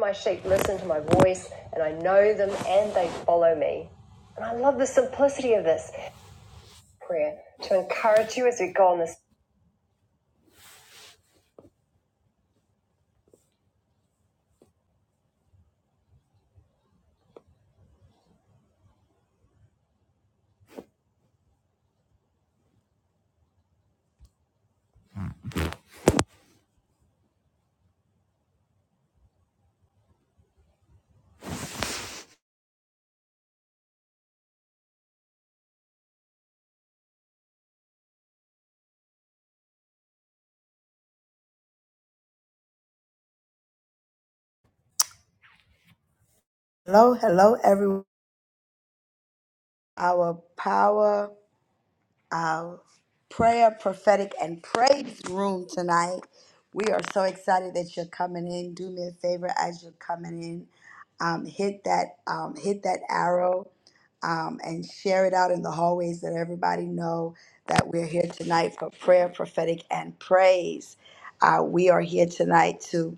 My sheep listen to my voice, and I know them, and they follow me. And I love the simplicity of this prayer to encourage you as we go on this. Hello, hello, everyone. Our power. uh, prayer, prophetic, and praise room tonight. We are so excited that you're coming in. Do me a favor as you're coming in, um, hit that um, hit that arrow um, and share it out in the hallways. Let everybody know that we're here tonight for prayer, prophetic, and praise. Uh, we are here tonight too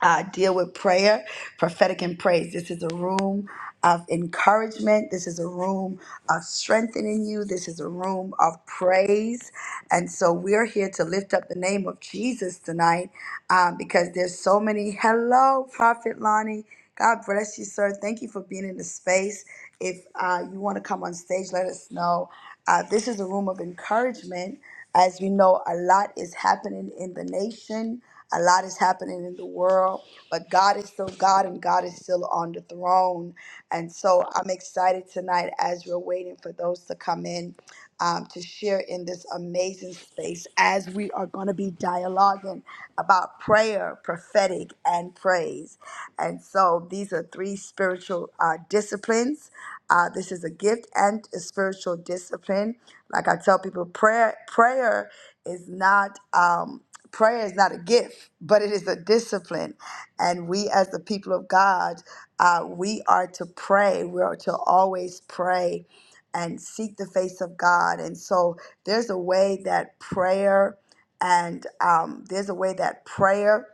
uh, deal with prayer, prophetic, and praise. This is a room of encouragement. This is a room of strengthening you. This is a room of praise. And so we're here to lift up the name of Jesus tonight uh, because there's so many. Hello, Prophet Lonnie. God bless you, sir. Thank you for being in the space. If uh, you want to come on stage, let us know. Uh, this is a room of encouragement. As we know, a lot is happening in the nation, a lot is happening in the world, but God is still God and God is still on the throne. And so I'm excited tonight as we're waiting for those to come in um, to share in this amazing space as we are going to be dialoguing about prayer, prophetic, and praise. And so these are three spiritual uh, disciplines uh, this is a gift and a spiritual discipline. Like I tell people, prayer prayer is not um, prayer is not a gift, but it is a discipline. And we, as the people of God, uh, we are to pray. We are to always pray and seek the face of God. And so there's a way that prayer and um, there's a way that prayer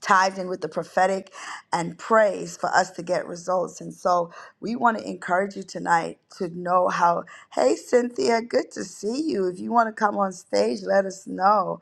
ties in with the prophetic and praise for us to get results. And so we want to encourage you tonight to know how, hey, Cynthia, good to see you. If you want to come on stage, let us know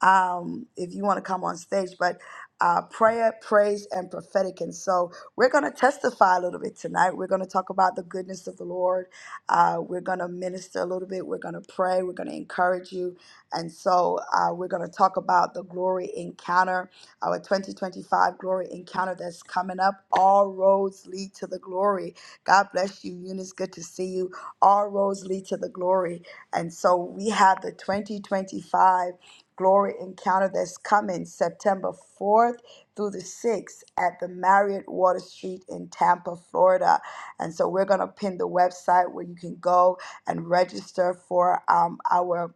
um, if you want to come on stage. But uh, prayer, praise, and prophetic. And so we're going to testify a little bit tonight. We're going to talk about the goodness of the Lord. Uh, we're going to minister a little bit. We're going to pray. We're going to encourage you. And so uh, we're going to talk about the glory encounter our 2025 glory encounter that's coming up. All roads lead to the glory. God bless you, Eunice. Good to see you. All roads lead to the glory. And so we have the 2025 glory encounter that's coming September 4th through the 6th at the Marriott Water Street in Tampa, Florida. And so we're going to pin the website where you can go and register for um, our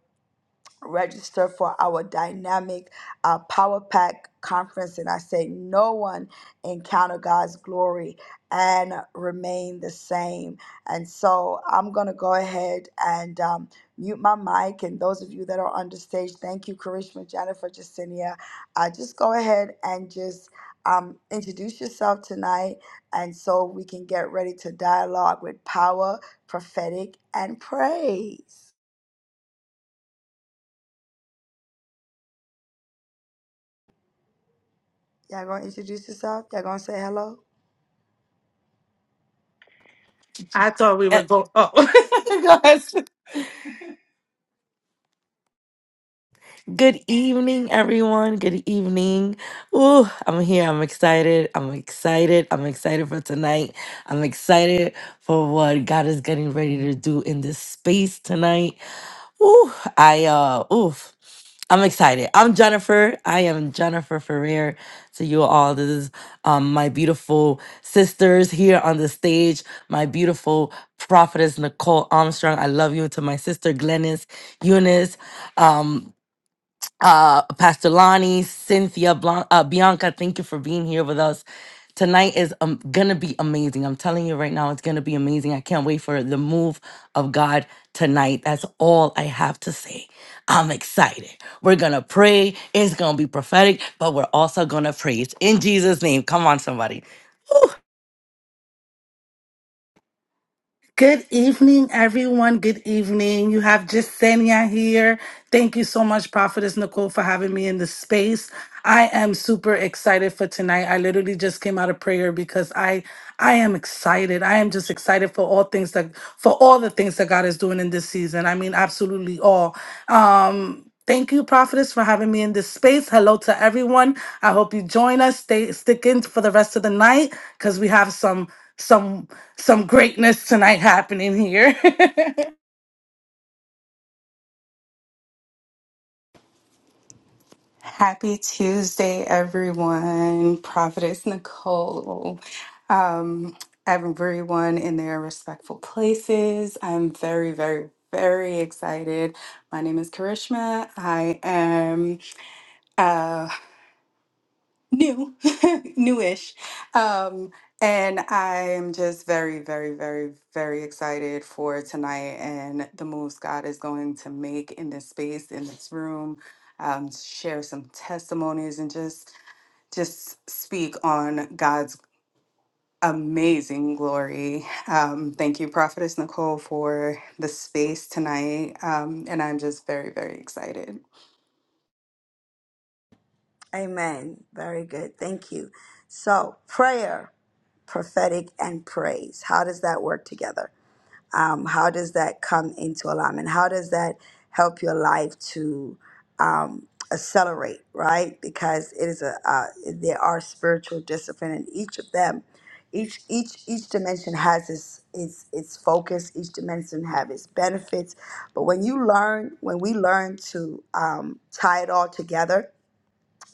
register for our dynamic uh, power pack conference and i say no one encounter god's glory and remain the same and so i'm going to go ahead and um, mute my mic and those of you that are on the stage thank you karishma jennifer jacinia uh, just go ahead and just um, introduce yourself tonight and so we can get ready to dialogue with power prophetic and praise Y'all gonna introduce yourself? Y'all gonna say hello? I thought we Uh, were going. Oh, go ahead. Good evening, everyone. Good evening. Ooh, I'm here. I'm excited. I'm excited. I'm excited for tonight. I'm excited for what God is getting ready to do in this space tonight. Ooh, I uh oof. I'm excited. I'm Jennifer. I am Jennifer Ferrer to you all. This is um, my beautiful sisters here on the stage, my beautiful prophetess Nicole Armstrong. I love you to my sister Glennis Eunice. Um, uh, Pastor Lonnie, Cynthia, Blan- uh, Bianca, thank you for being here with us. Tonight is um, gonna be amazing. I'm telling you right now, it's gonna be amazing. I can't wait for the move of God tonight. That's all I have to say. I'm excited. We're gonna pray. It's gonna be prophetic, but we're also gonna praise in Jesus' name. Come on, somebody. Woo! Good evening, everyone. Good evening. You have Senia here. Thank you so much, Prophetess Nicole, for having me in the space. I am super excited for tonight. I literally just came out of prayer because I I am excited. I am just excited for all things that for all the things that God is doing in this season. I mean, absolutely all. Um, Thank you, Prophetess, for having me in this space. Hello to everyone. I hope you join us. Stay stick in for the rest of the night because we have some some some greatness tonight happening here. Happy Tuesday, everyone. Prophetess Nicole. Um, everyone in their respectful places. I'm very, very, very excited. My name is Karishma. I am uh, new, newish. Um, and I am just very, very, very, very excited for tonight and the moves God is going to make in this space, in this room. Um, share some testimonies and just just speak on God's amazing glory. Um, thank you, Prophetess Nicole, for the space tonight. Um, and I'm just very, very excited. Amen. Very good. Thank you. So, prayer, prophetic, and praise. How does that work together? um, how does that come into alignment how does that help your life to um, accelerate right because it is a uh, there are spiritual discipline and each of them each each each dimension has its its its focus each dimension have its benefits but when you learn when we learn to um, tie it all together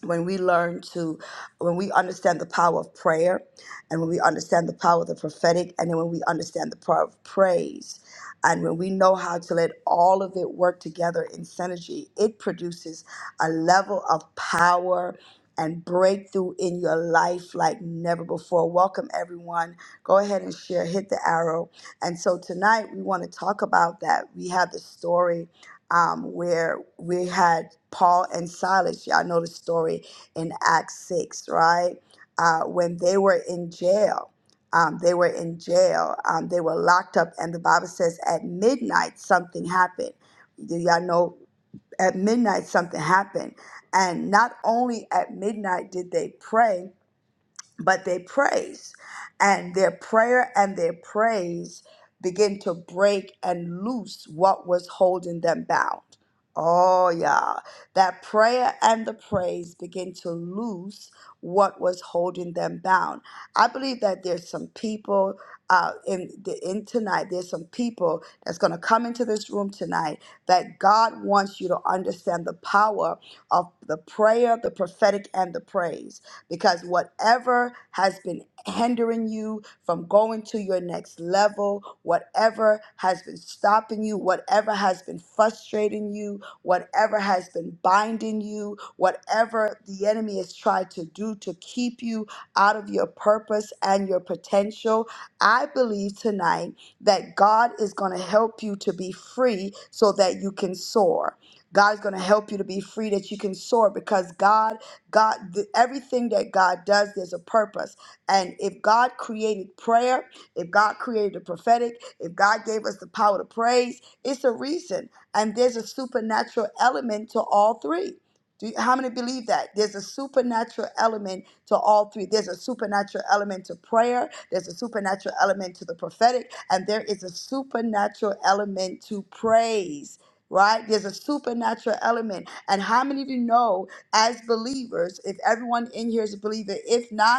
when we learn to when we understand the power of prayer and when we understand the power of the prophetic and then when we understand the power of praise and when we know how to let all of it work together in synergy it produces a level of power and breakthrough in your life like never before welcome everyone go ahead and share hit the arrow and so tonight we want to talk about that we have the story um, where we had Paul and Silas. Y'all know the story in Acts 6, right? Uh, when they were in jail, um, they were in jail, um, they were locked up, and the Bible says at midnight something happened. Do y'all know? At midnight something happened. And not only at midnight did they pray, but they praise and their prayer and their praise begin to break and loose what was holding them bound oh yeah that prayer and the praise begin to loose what was holding them bound i believe that there's some people uh, in the in tonight there's some people that's going to come into this room tonight that god wants you to understand the power of the prayer the prophetic and the praise because whatever has been hindering you from going to your next level, whatever has been stopping you, whatever has been frustrating you, whatever has been binding you, whatever the enemy has tried to do to keep you out of your purpose and your potential, I believe tonight that God is going to help you to be free so that you can soar. God is going to help you to be free that you can soar because God God, th- everything that God does, there's a purpose. And if God created prayer, if God created the prophetic, if God gave us the power to praise, it's a reason. And there's a supernatural element to all three. Do you- how many believe that? There's a supernatural element to all three. There's a supernatural element to prayer, there's a supernatural element to the prophetic, and there is a supernatural element to praise, right? There's a supernatural element. And how many of you know? as believers, if everyone in here is a believer, if not,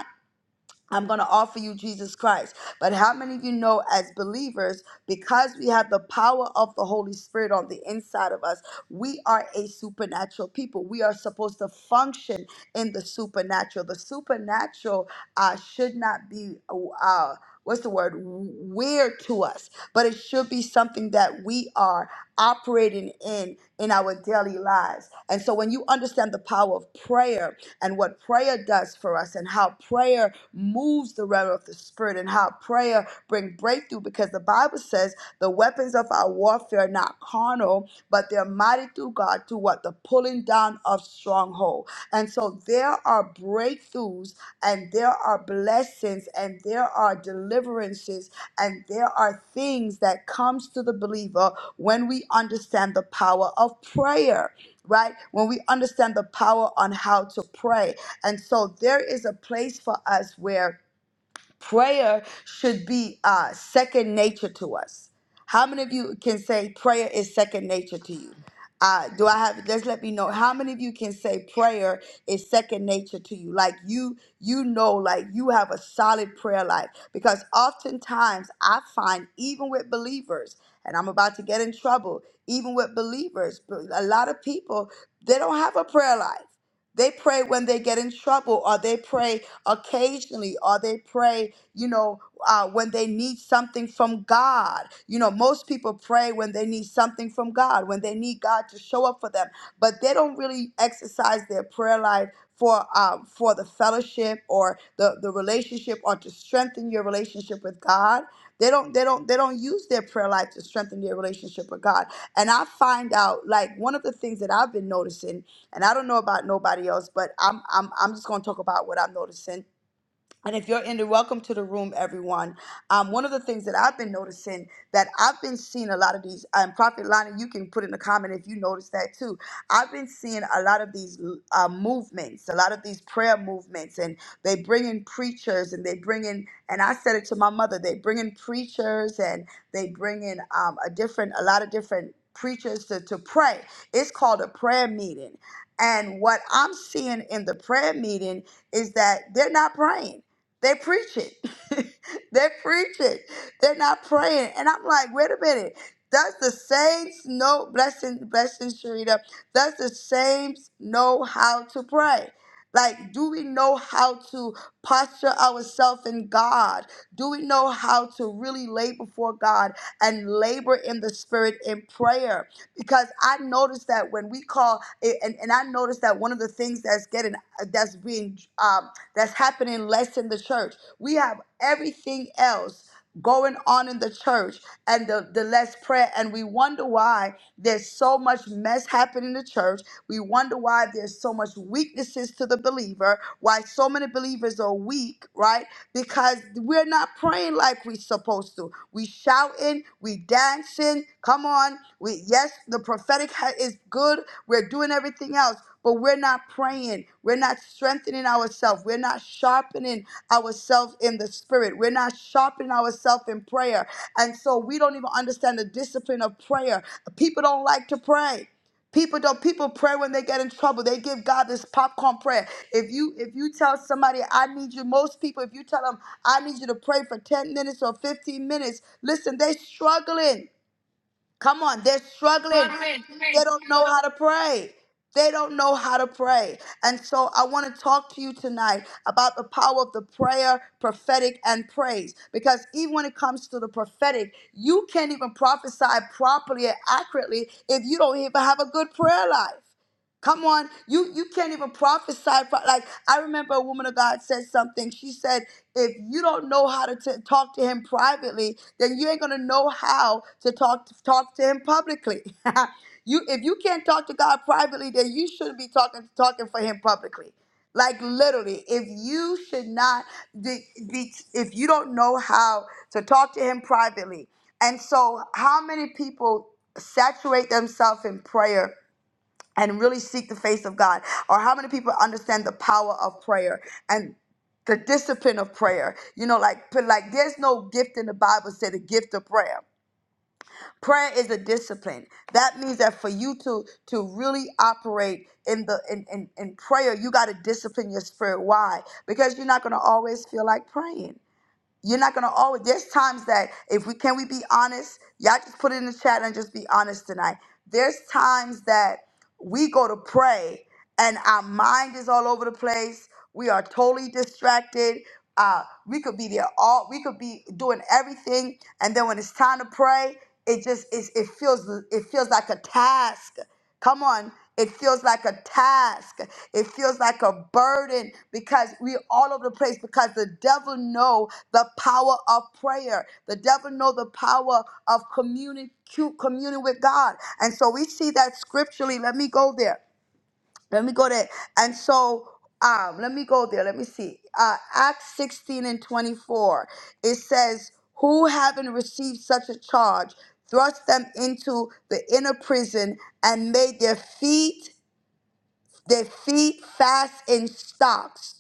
I'm going to offer you Jesus Christ. But how many of you know, as believers, because we have the power of the Holy Spirit on the inside of us, we are a supernatural people. We are supposed to function in the supernatural. The supernatural uh, should not be. Uh, uh, What's the word? Weird to us, but it should be something that we are operating in in our daily lives. And so, when you understand the power of prayer, and what prayer does for us and how prayer moves the realm of the spirit and how prayer bring breakthrough because the Bible says the weapons of our warfare are not carnal, but they're mighty through God to what? The pulling down of stronghold. And so there are breakthroughs and there are blessings and there are deliverances and there are things that comes to the believer when we understand the power of prayer right? When we understand the power on how to pray. And so there is a place for us where Prayer should be uh, second nature to us. How many of you can say prayer is second nature to you? Uh, do I have? Just let me know. How many of you can say prayer is second nature to you? Like you, you know, like you have a solid prayer life. Because oftentimes I find, even with believers, and I'm about to get in trouble, even with believers, but a lot of people they don't have a prayer life. They pray when they get in trouble, or they pray occasionally or they pray, you know, uh, when they need something from God. You know, most people pray when they need something from God, when they need God to show up for them, but they don't really exercise their prayer life for um, for the fellowship or the, the relationship or to strengthen your relationship with God. They don't they don't they don't use their prayer life to strengthen their relationship with God. And I find out like one of the things that I've been noticing, and I don't know about nobody else, but I'm I'm I'm just gonna talk about what I'm noticing and if you're in the welcome to the room, everyone. Um, one of the things that I've been noticing that I've been seeing a lot of these, and Prophet Lana, you can put in the comment if you notice that too. I've been seeing a lot of these uh, movements, a lot of these prayer movements, and they bring in preachers and they bring in, and I said it to my mother, they bring in preachers and they bring in um, a different, a lot of different preachers to, to pray. It's called a prayer meeting. And what I'm seeing in the prayer meeting is that they're not praying they preach it. they preach it. They're not praying. And I'm like, wait a minute. Does the saints know blessing blessing Sharita? Does the saints know how to pray? Like, do we know how to posture ourselves in God? Do we know how to really lay before God and labor in the spirit in prayer? Because I noticed that when we call, and, and I noticed that one of the things that's getting that's being um that's happening less in the church. We have everything else going on in the church and the, the less prayer and we wonder why there's so much mess happening in the church we wonder why there's so much weaknesses to the believer why so many believers are weak right because we're not praying like we're supposed to we shouting we dancing come on we yes the prophetic ha- is good we're doing everything else but we're not praying. We're not strengthening ourselves. We're not sharpening ourselves in the spirit. We're not sharpening ourselves in prayer. And so we don't even understand the discipline of prayer. People don't like to pray. People don't people pray when they get in trouble. They give God this popcorn prayer. If you if you tell somebody I need you, most people if you tell them I need you to pray for 10 minutes or 15 minutes, listen, they struggling. Come on, they're struggling. They don't know how to pray. They don't know how to pray. And so I want to talk to you tonight about the power of the prayer, prophetic, and praise. Because even when it comes to the prophetic, you can't even prophesy properly and accurately if you don't even have a good prayer life. Come on, you you can't even prophesy. pro- Like I remember a woman of God said something. She said, "If you don't know how to t- talk to him privately, then you ain't gonna know how to talk talk to him publicly." you if you can't talk to God privately, then you shouldn't be talking talking for him publicly. Like literally, if you should not be, be if you don't know how to talk to him privately. And so, how many people saturate themselves in prayer? and really seek the face of God? Or how many people understand the power of prayer and the discipline of prayer? You know, like but like there's no gift in the Bible say the gift of prayer. Prayer is a discipline. That means that for you to to really operate in the in, in, in prayer, you gotta discipline your spirit. Why? Because you're not gonna always feel like praying you're not gonna always there's times that if we can we be honest y'all just put it in the chat and just be honest tonight there's times that we go to pray and our mind is all over the place we are totally distracted uh, we could be there all. We could be doing everything, and then when it's time to pray, it just is. It feels. It feels like a task. Come on. It feels like a task. It feels like a burden because we are all over the place because the devil know the power of prayer. The devil know the power of communing communing with God. And so we see that scripturally. Let me go there let me go there and so um let me go there let me see uh acts 16 and 24 it says who having received such a charge thrust them into the inner prison and made their feet their feet fast in stocks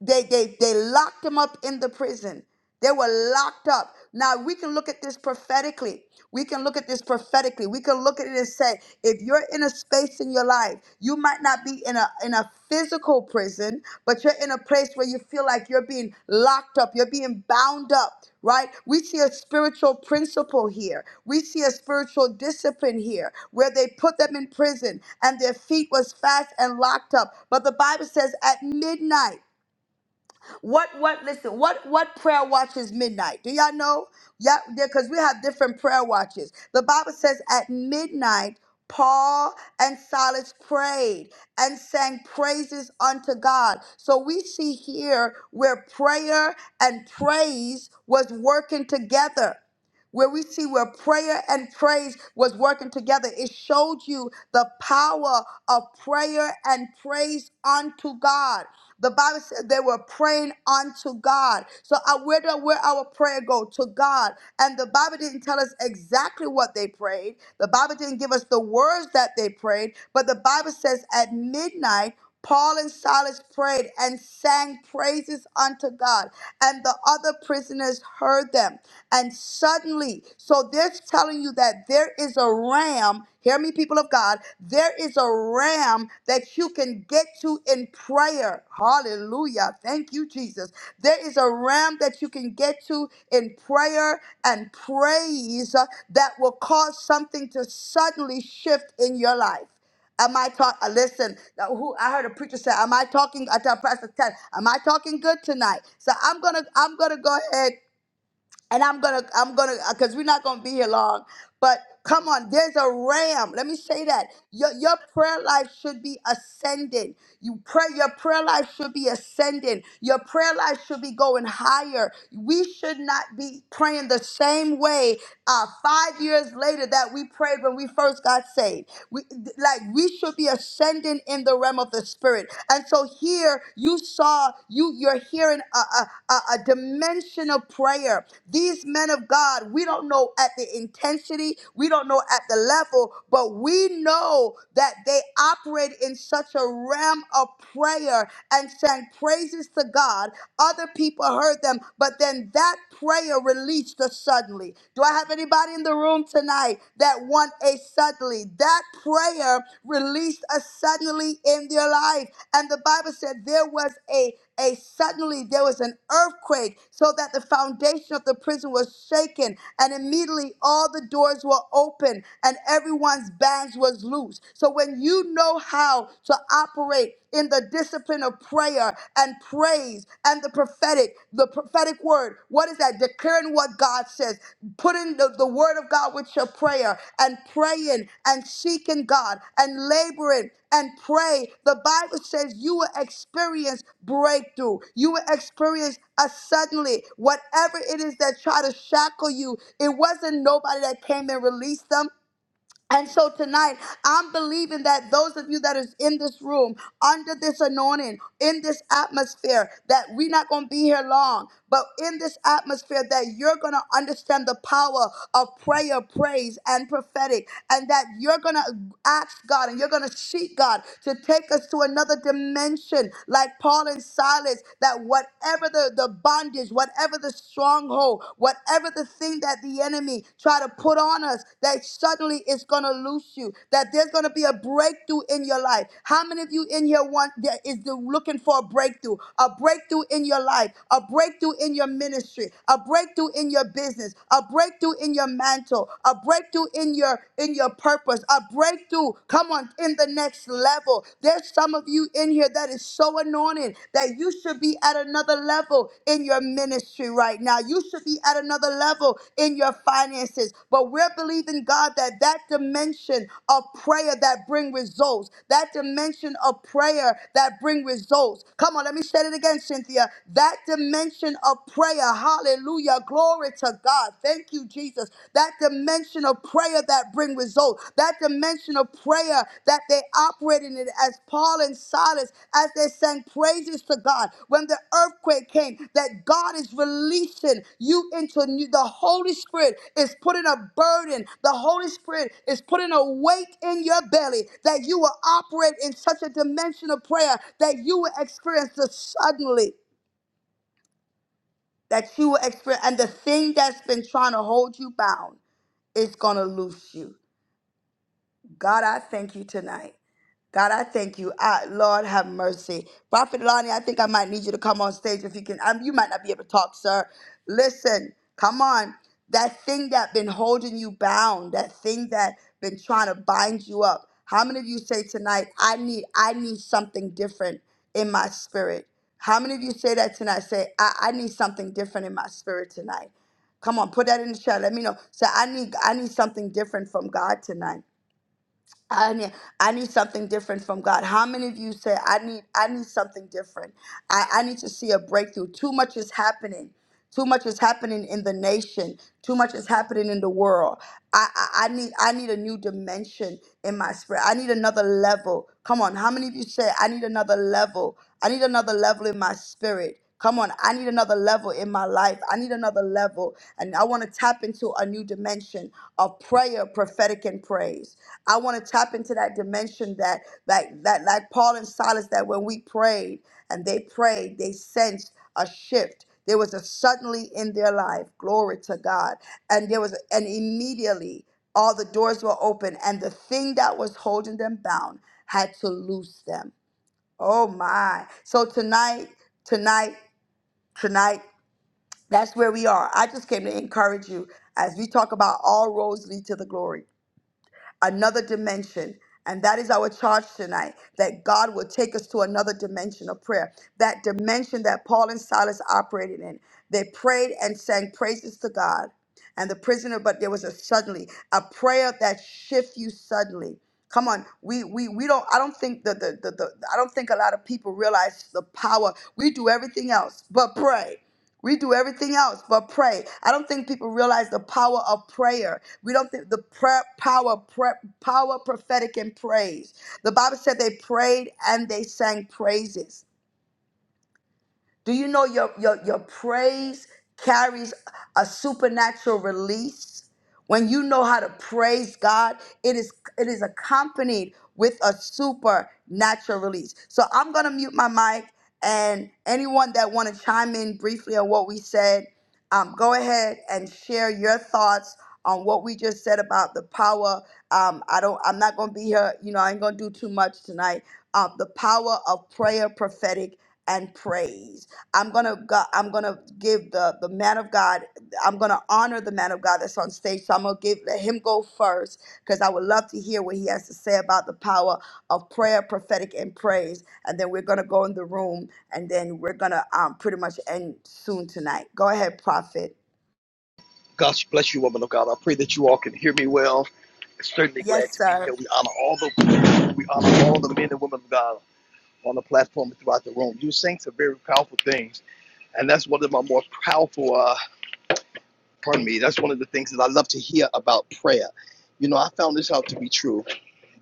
they they they locked him up in the prison they were locked up now we can look at this prophetically we can look at this prophetically we can look at it and say if you're in a space in your life you might not be in a in a physical prison but you're in a place where you feel like you're being locked up you're being bound up right we see a spiritual principle here we see a spiritual discipline here where they put them in prison and their feet was fast and locked up but the bible says at midnight what what listen, what what prayer watch is midnight? Do y'all know? Yeah, because we have different prayer watches. The Bible says at midnight Paul and Silas prayed and sang praises unto God. So we see here where prayer and praise was working together where we see where prayer and praise was working together. It showed you the power of prayer and praise unto God. The Bible said they were praying unto God. So uh, where do where our prayer go to God? And the Bible didn't tell us exactly what they prayed. The Bible didn't give us the words that they prayed. But the Bible says at midnight Paul and Silas prayed and sang praises unto God, and the other prisoners heard them. And suddenly, so they're telling you that there is a ram, hear me, people of God, there is a ram that you can get to in prayer. Hallelujah. Thank you, Jesus. There is a ram that you can get to in prayer and praise uh, that will cause something to suddenly shift in your life. Am I talk? uh, Listen, uh, who I heard a preacher say, "Am I talking?" I tell Pastor Ted, "Am I talking good tonight?" So I'm gonna, I'm gonna go ahead and I'm gonna, I'm gonna, because we're not gonna be here long. But come on, there's a ram. Let me say that your your prayer life should be ascending. You pray, your prayer life should be ascending. Your prayer life should be going higher. We should not be praying the same way uh, five years later that we prayed when we first got saved. We like we should be ascending in the realm of the spirit. And so here you saw you you're hearing a, a, a, a dimension of prayer. These men of God, we don't know at the intensity, we don't know at the level, but we know that they operate in such a realm of prayer and sang praises to God. Other people heard them, but then that prayer released us suddenly. Do I have anybody? anybody in the room tonight that want a suddenly? That prayer released a suddenly in their life. And the Bible said there was a a suddenly there was an earthquake so that the foundation of the prison was shaken and immediately all the doors were open and everyone's bands was loose so when you know how to operate in the discipline of prayer and praise and the prophetic, the prophetic word. What is that? Declaring what God says, putting the, the word of God with your prayer and praying and seeking God and laboring and pray. The Bible says you will experience breakthrough. You will experience a suddenly whatever it is that try to shackle you. It wasn't nobody that came and released them. And so tonight, I'm believing that those of you that is in this room, under this anointing, in this atmosphere, that we're not going to be here long, but in this atmosphere, that you're going to understand the power of prayer, praise, and prophetic, and that you're going to ask God and you're going to seek God to take us to another dimension, like Paul and Silas, that whatever the, the bondage, whatever whatever the stronghold, whatever the thing that the enemy try to put on us, that suddenly it's going to loose you, that there's going to be a breakthrough in your life. How many of you in here want that is the- looking for a breakthrough, a breakthrough in your life, a breakthrough in your ministry, a breakthrough in your business, a breakthrough in your mantle, a breakthrough in your in your purpose, a breakthrough, come on, in the next level. There's there's some of you in here that is so anointed that you should be at another level in your ministry right now. You should be at another level in your finances. But we're believing God that that dimension of prayer that bring results, that dimension of prayer that bring results. Come on, let me say it again, Cynthia. That dimension of prayer, hallelujah, glory to God. Thank you, Jesus. That dimension of prayer that bring result, that dimension of prayer that they operated in as Paul and Silas, as they sang praises to God. When the earthquake came, that God is releasing you into new, the Holy Spirit is putting a burden, the Holy Spirit is putting a weight in your belly that you will operate in such a dimension of prayer that you will experience the suddenly that you will experience and the thing that's been trying to hold you bound is going to loose you. God, I thank you tonight. God, I thank you. I, Lord, have mercy. Prophet Lonnie, I think I might need you to come on stage if you can. Um, you might not be able to talk, sir. Listen, come on. That thing that been holding you bound, that thing that been trying to bind you up. How many of you say tonight, I need, I need something different in my spirit? How many of you say that tonight? Say, I, I need something different in my spirit tonight. Come on, put that in the chat. Let me know. Say, I need, I need something different from God tonight. I need, I need something different from God. How many of you say I need I need something different? I, I need to see a breakthrough. Too much is happening. Too much is happening in the nation. Too much is happening in the world. I, I, I need I need a new dimension in my spirit. I need another level. Come on, how many of you say I need another level? I need another level in my spirit. Come on, I need another level in my life. I need another level. And I want to tap into a new dimension of prayer, prophetic, and praise. I want to tap into that dimension that that that like Paul and Silas, that when we prayed and they prayed, they sensed a shift. There was a suddenly in their life. Glory to God. And there was and immediately all the doors were open, and the thing that was holding them bound had to loose them. Oh my. So tonight, tonight tonight that's where we are i just came to encourage you as we talk about all roads lead to the glory another dimension and that is our charge tonight that god will take us to another dimension of prayer that dimension that paul and silas operated in they prayed and sang praises to god and the prisoner but there was a suddenly a prayer that shifts you suddenly Come on, we we we don't. I don't think that the, the the I don't think a lot of people realize the power. We do everything else but pray. We do everything else but pray. I don't think people realize the power of prayer. We don't think the prayer, power, prayer, power, prophetic, and praise. The Bible said they prayed and they sang praises. Do you know your, your, your praise carries a supernatural release? When you know how to praise God, it is it is accompanied with a supernatural release. So I'm gonna mute my mic and anyone that wanna chime in briefly on what we said, um, go ahead and share your thoughts on what we just said about the power. Um, I don't I'm not gonna be here, you know, I ain't gonna do too much tonight. Uh, the power of prayer, prophetic, and praise. I'm gonna go, I'm gonna give the the man of God. I'm gonna honor the man of God that's on stage. So I'm gonna give let him go first because I would love to hear what he has to say about the power of prayer, prophetic, and praise. And then we're gonna go in the room, and then we're gonna um pretty much end soon tonight. Go ahead, prophet. God bless you, woman of God. I pray that you all can hear me well. I'm Certainly glad Yes, to be sir. here. We honor all the we honor all the men and women of God on the platform and throughout the room. You saints are very powerful things, and that's one of my more powerful. Uh, pardon me. That's one of the things that I love to hear about prayer. You know, I found this out to be true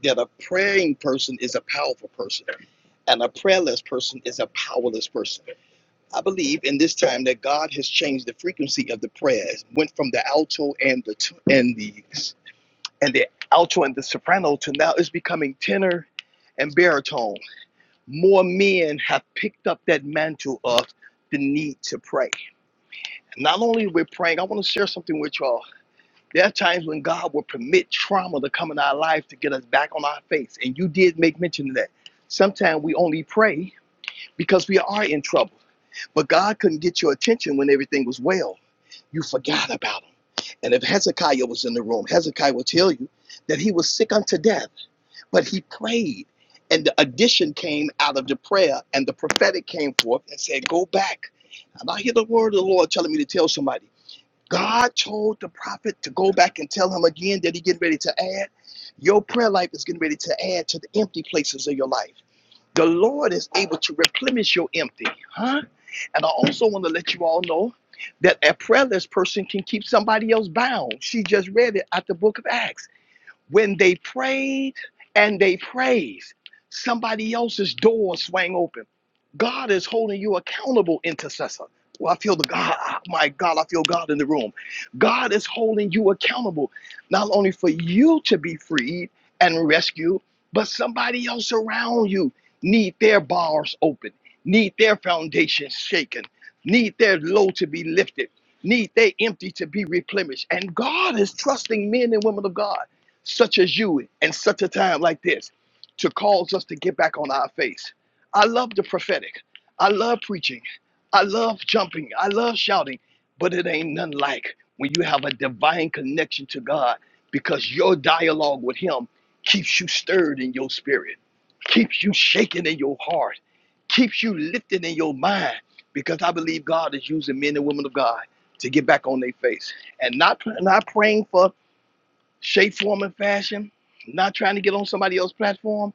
that a praying person is a powerful person, and a prayerless person is a powerless person. I believe in this time that God has changed the frequency of the prayers, went from the alto and the t- and the and the alto and the soprano to now it's becoming tenor and baritone. More men have picked up that mantle of the need to pray. Not only we're praying, I want to share something with y'all. There are times when God will permit trauma to come in our life to get us back on our face, and you did make mention of that. Sometimes we only pray because we are in trouble, but God couldn't get your attention when everything was well. You forgot about him. And if Hezekiah was in the room, Hezekiah will tell you that he was sick unto death, but he prayed. And the addition came out of the prayer, and the prophetic came forth and said, Go back. And I hear the word of the Lord telling me to tell somebody. God told the prophet to go back and tell him again that he getting ready to add. Your prayer life is getting ready to add to the empty places of your life. The Lord is able to replenish your empty, huh? And I also want to let you all know that a prayerless person can keep somebody else bound. She just read it out the book of Acts. When they prayed and they praised, somebody else's door swang open. God is holding you accountable, intercessor. Well, I feel the God, ah, my God, I feel God in the room. God is holding you accountable, not only for you to be freed and rescued, but somebody else around you need their bars open, need their foundations shaken, need their load to be lifted, need their empty to be replenished. And God is trusting men and women of God such as you in such a time like this to cause us to get back on our face. I love the prophetic. I love preaching. I love jumping. I love shouting. But it ain't none like when you have a divine connection to God because your dialogue with Him keeps you stirred in your spirit, keeps you shaking in your heart, keeps you lifted in your mind because I believe God is using men and women of God to get back on their face and not, not praying for shape, form, and fashion. Not trying to get on somebody else's platform.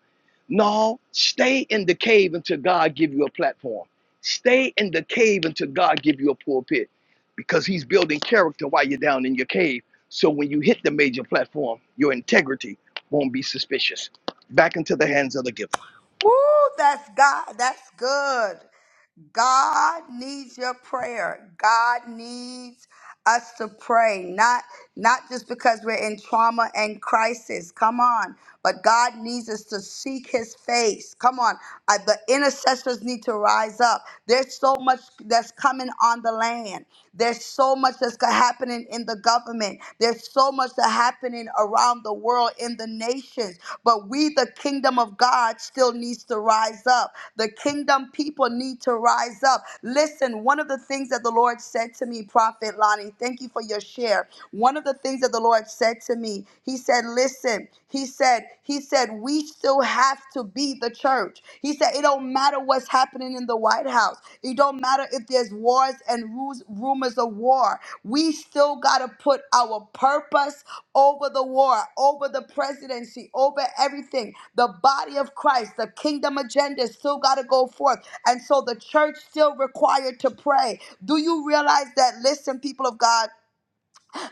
No, stay in the cave until God give you a platform. Stay in the cave until God give you a pulpit, because He's building character while you're down in your cave. So when you hit the major platform, your integrity won't be suspicious. Back into the hands of the giver. Woo, that's God. That's good. God needs your prayer. God needs us to pray, not not just because we're in trauma and crisis. Come on, but God needs us to seek His face. Come on, Uh, the intercessors need to rise up. There's so much that's coming on the land. There's so much that's go- happening in the government. There's so much that's happening around the world in the nations, but we, the kingdom of God, still needs to rise up. The kingdom people need to rise up. Listen, one of the things that the Lord said to me, Prophet Lonnie, thank you for your share. One of the things that the Lord said to me, He said, Listen, He said, He said, we still have to be the church. He said, that it don't matter what's happening in the White House. It don't matter if there's wars and ru- rumors of war. We still got to put our purpose over the war, over the presidency, over everything. The body of Christ, the kingdom agenda still got to go forth. And so the church still required to pray. Do you realize that listen people of God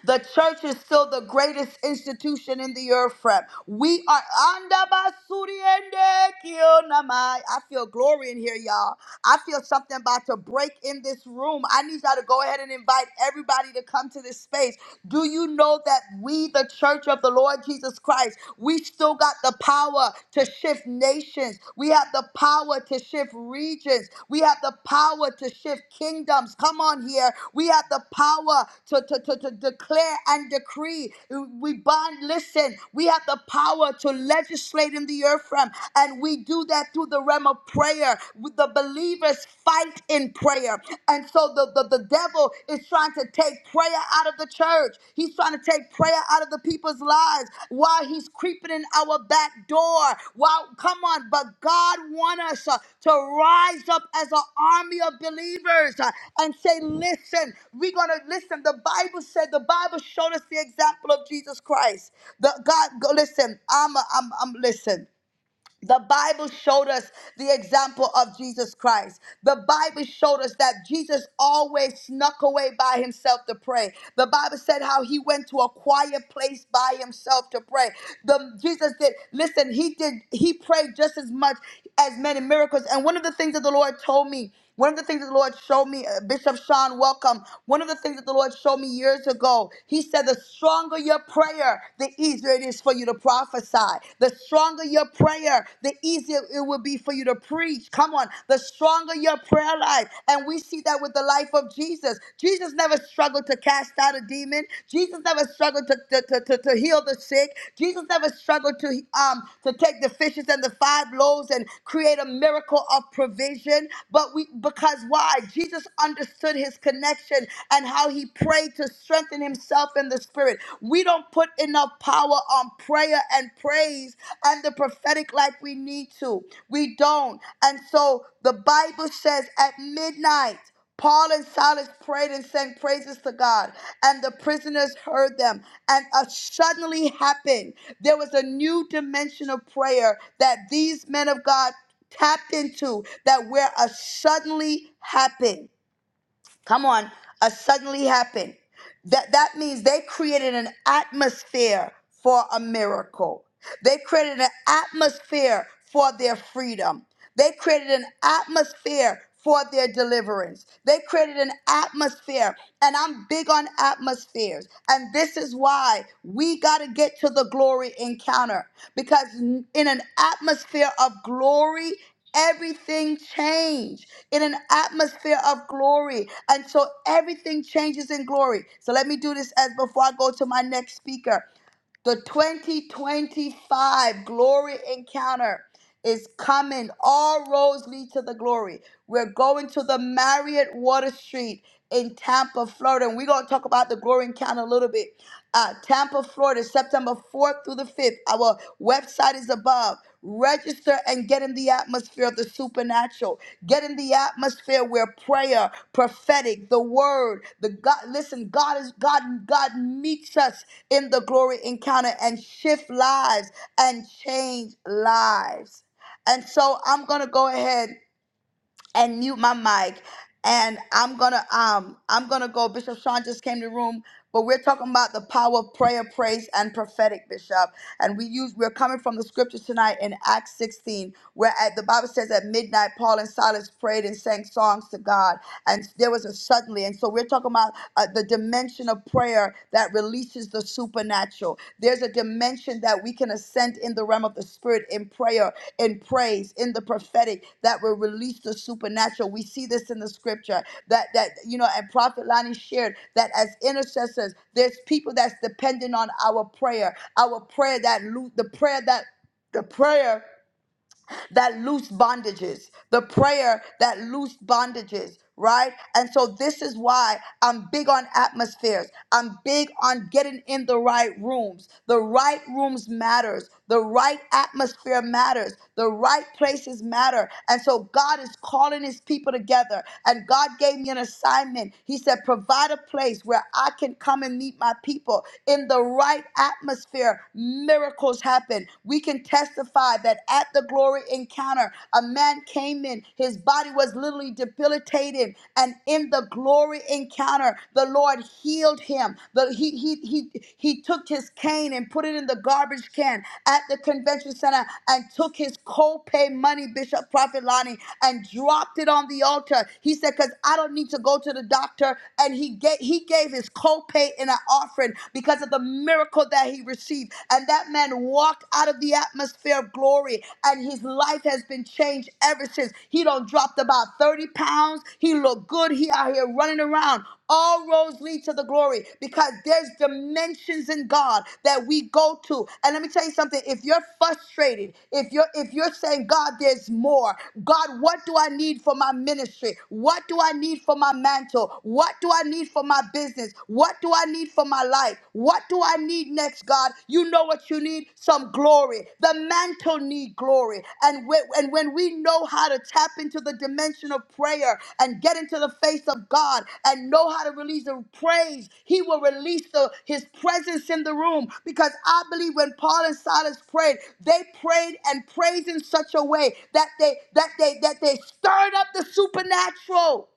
the church is still the greatest institution in the earth, friend. We are under basuri ende kionamai. I feel glory in here, y'all. I feel something about to break in this room. I need y'all to go ahead and invite everybody to come to this space. Do you know that we, the church of the Lord Jesus Christ, we still got the power to shift nations? We have the power to shift regions. We have the power to shift kingdoms. Come on here. We have the power to, to, to, to declare and decree. We bond, listen, we have the power to legislate in the earth realm. And we do that through the realm of prayer. The believers fight in prayer. And so the, the, the devil is trying to take take prayer out of the church. He's trying to take prayer out of the people's lives while he's creeping in our back door. Wow, come on, but God wants us uh, to rise up as an army of believers uh, and say, listen, we're gonna listen. The Bible said the Bible showed us the example of Jesus Christ. The God go, listen, I'm a, I'm I'm listen. The Bible showed us the example of Jesus Christ. The Bible showed us that Jesus always snuck away by himself to pray. The Bible said how he went to a quiet place by himself to pray. The Jesus did listen, he did he prayed just as much as many miracles. And one of the things that the Lord told me one of the things that the Lord showed me, uh, Bishop Sean, welcome. One of the things that the Lord showed me years ago, he said, The stronger your prayer, the easier it is for you to prophesy. The stronger your prayer, the easier it will be for you to preach. Come on, the stronger your prayer life. And we see that with the life of Jesus. Jesus never struggled to cast out a demon, Jesus never struggled to, to, to, to, to heal the sick. Jesus never struggled to um to take the fishes and the five loaves and create a miracle of provision. But we because why? Jesus understood his connection and how he prayed to strengthen himself in the spirit. We don't put enough power on prayer and praise and the prophetic like we need to. We don't. And so the Bible says at midnight. Paul and Silas prayed and sang praises to God, and the prisoners heard them. And a suddenly happened. There was a new dimension of prayer that these men of God tapped into that where a suddenly happened come on, a suddenly happened. That that means they created an atmosphere for a miracle. They created an atmosphere for their freedom. They created an atmosphere for their deliverance. They created an atmosphere, and I'm big on atmospheres. And this is why we got to get to the glory encounter because in an atmosphere of glory Everything changed in an atmosphere of glory. And so everything changes in glory. So let me do this as before I go to my next speaker. The 2025 glory encounter is coming. All roads lead to the glory. We're going to the Marriott Water Street in Tampa, Florida. And we're going to talk about the glory encounter a little bit. Uh, Tampa, Florida, September 4th through the 5th. Our website is above. Register and get in the atmosphere of the supernatural. Get in the atmosphere where prayer, prophetic, the word, the God. Listen, God is God. God meets us in the glory encounter and shift lives and change lives. And so I'm gonna go ahead and mute my mic. And I'm gonna um I'm gonna go. Bishop Sean just came to the room, but we're talking about the power of prayer, praise, and prophetic, Bishop. And we use we're coming from the scriptures tonight in Acts 16, where at the Bible says at midnight Paul and Silas prayed and sang songs to God, and there was a suddenly. And so we're talking about uh, the dimension of prayer that releases the supernatural. There's a dimension that we can ascend in the realm of the spirit in prayer, in praise, in the prophetic that will release the supernatural. We see this in the scripture that that you know, and Prophet Lani shared that as intercessors, there's people that's dependent on our prayer, our prayer that lo- the prayer that the prayer that loose bondages, the prayer that loose bondages, right? And so this is why I'm big on atmospheres. I'm big on getting in the right rooms. The right rooms matters. The right atmosphere matters. The right places matter. And so God is calling his people together. And God gave me an assignment. He said, provide a place where I can come and meet my people in the right atmosphere. Miracles happen happened. We can testify that at the glory encounter, a man came in, his body was literally debilitated, and in the glory encounter, the Lord healed him. The, he, he, he, he took his cane and put it in the garbage can at the convention center and took his co-pay money, Bishop Prophet Lonnie, and dropped it on the altar. He said, because I don't need to go to the doctor. And he gave, he gave his co-pay in an offering because of the miracle that he received. And that man walked out of the atmosphere of glory, and his life has been changed ever since. He don't dropped about 30 pounds. He looked good. He out here running around. All roads lead to the glory because there's dimensions in God that we go to. And let me tell you something, if you're frustrated, if you're if you're saying, God, there's more, God, what do I need for my ministry? What do I need for my mantle? What do I need for my business. What do I need for my life? What do I need next, God? You know what you need? Some glory. The mantle need glory. And when, and when we know how to tap into the dimension of prayer and get into the face of God and know how to release the praise, he will release the, his presence in the room. Because I believe when Paul and Silas prayed, they prayed and praised in such a way that they that they that they stirred up the supernatural.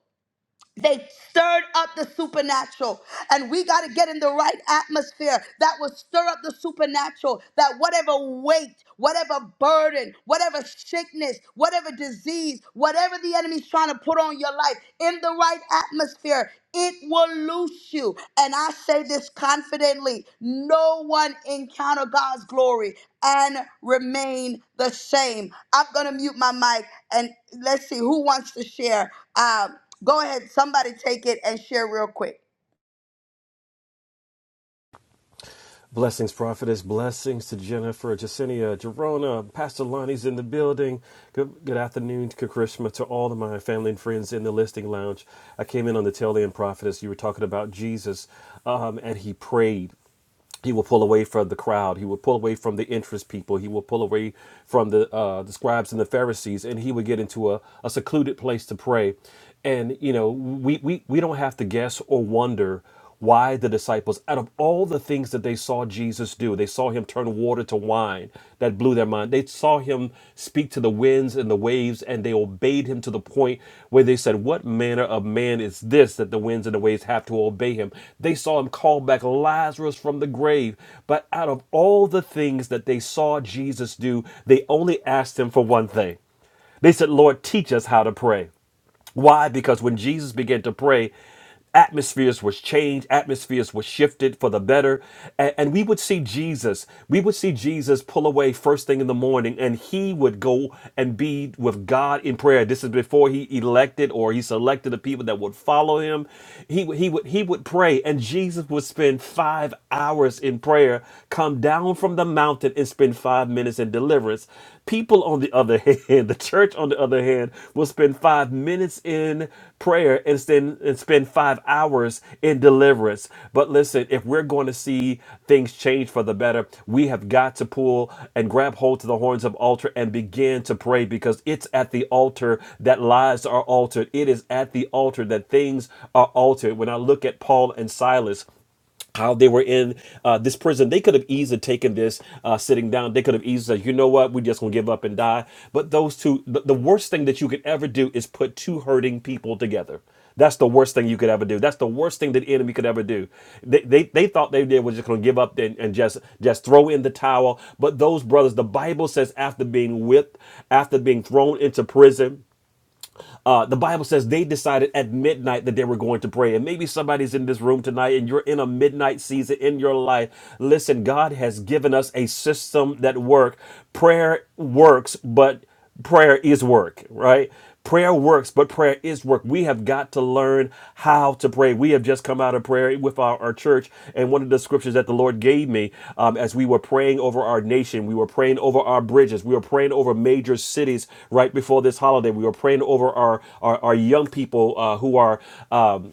They stirred up the supernatural. And we got to get in the right atmosphere that will stir up the supernatural. That whatever weight, whatever burden, whatever sickness, whatever disease, whatever the enemy's trying to put on your life, in the right atmosphere, it will loose you. And I say this confidently no one encounter God's glory and remain the same. I'm going to mute my mic and let's see who wants to share. Um, Go ahead, somebody take it and share real quick. Blessings, prophetess. Blessings to Jennifer, Jacinia, Jerona, Pastor Lonnie's in the building. Good, good afternoon, Kakrishma, to all of my family and friends in the listing lounge. I came in on the tail end, prophetess. You were talking about Jesus, um, and he prayed he will pull away from the crowd he will pull away from the interest people he will pull away from the uh, the scribes and the pharisees and he would get into a, a secluded place to pray and you know we, we we don't have to guess or wonder why the disciples out of all the things that they saw jesus do they saw him turn water to wine that blew their mind. They saw him speak to the winds and the waves, and they obeyed him to the point where they said, What manner of man is this that the winds and the waves have to obey him? They saw him call back Lazarus from the grave. But out of all the things that they saw Jesus do, they only asked him for one thing. They said, Lord, teach us how to pray. Why? Because when Jesus began to pray, atmospheres was changed, atmospheres were shifted for the better. And, and we would see Jesus, we would see Jesus pull away first thing in the morning, and he would go and be with God in prayer. This is before he elected or he selected the people that would follow him. He would he would he would pray, and Jesus would spend five hours in prayer, come down from the mountain and spend five minutes in and deliverance. People, on the other hand, the church, on the other hand, will spend five minutes in prayer and spend, and spend five hours in deliverance. But listen, if we're going to see things change for the better, we have got to pull and grab hold to the horns of altar and begin to pray because it's at the altar that lives are altered. It is at the altar that things are altered. When I look at Paul and Silas, how they were in uh, this prison. They could have easily taken this uh, sitting down. They could have easily said, you know what, we just gonna give up and die. But those two, the, the worst thing that you could ever do is put two hurting people together. That's the worst thing you could ever do. That's the worst thing that the enemy could ever do. They, they, they thought they did was just going to give up and, and just just throw in the towel. But those brothers, the Bible says, after being whipped, after being thrown into prison, uh, the Bible says they decided at midnight that they were going to pray. And maybe somebody's in this room tonight and you're in a midnight season in your life. Listen, God has given us a system that works. Prayer works, but prayer is work, right? Prayer works, but prayer is work. We have have got to learn how to pray. We have just come out of prayer with our, our church, and one of the scriptures that the Lord gave me um, as we were praying over our nation, we were praying over our bridges, we were praying over major cities right before this holiday, we were praying over our, our, our young people uh, who are. Um,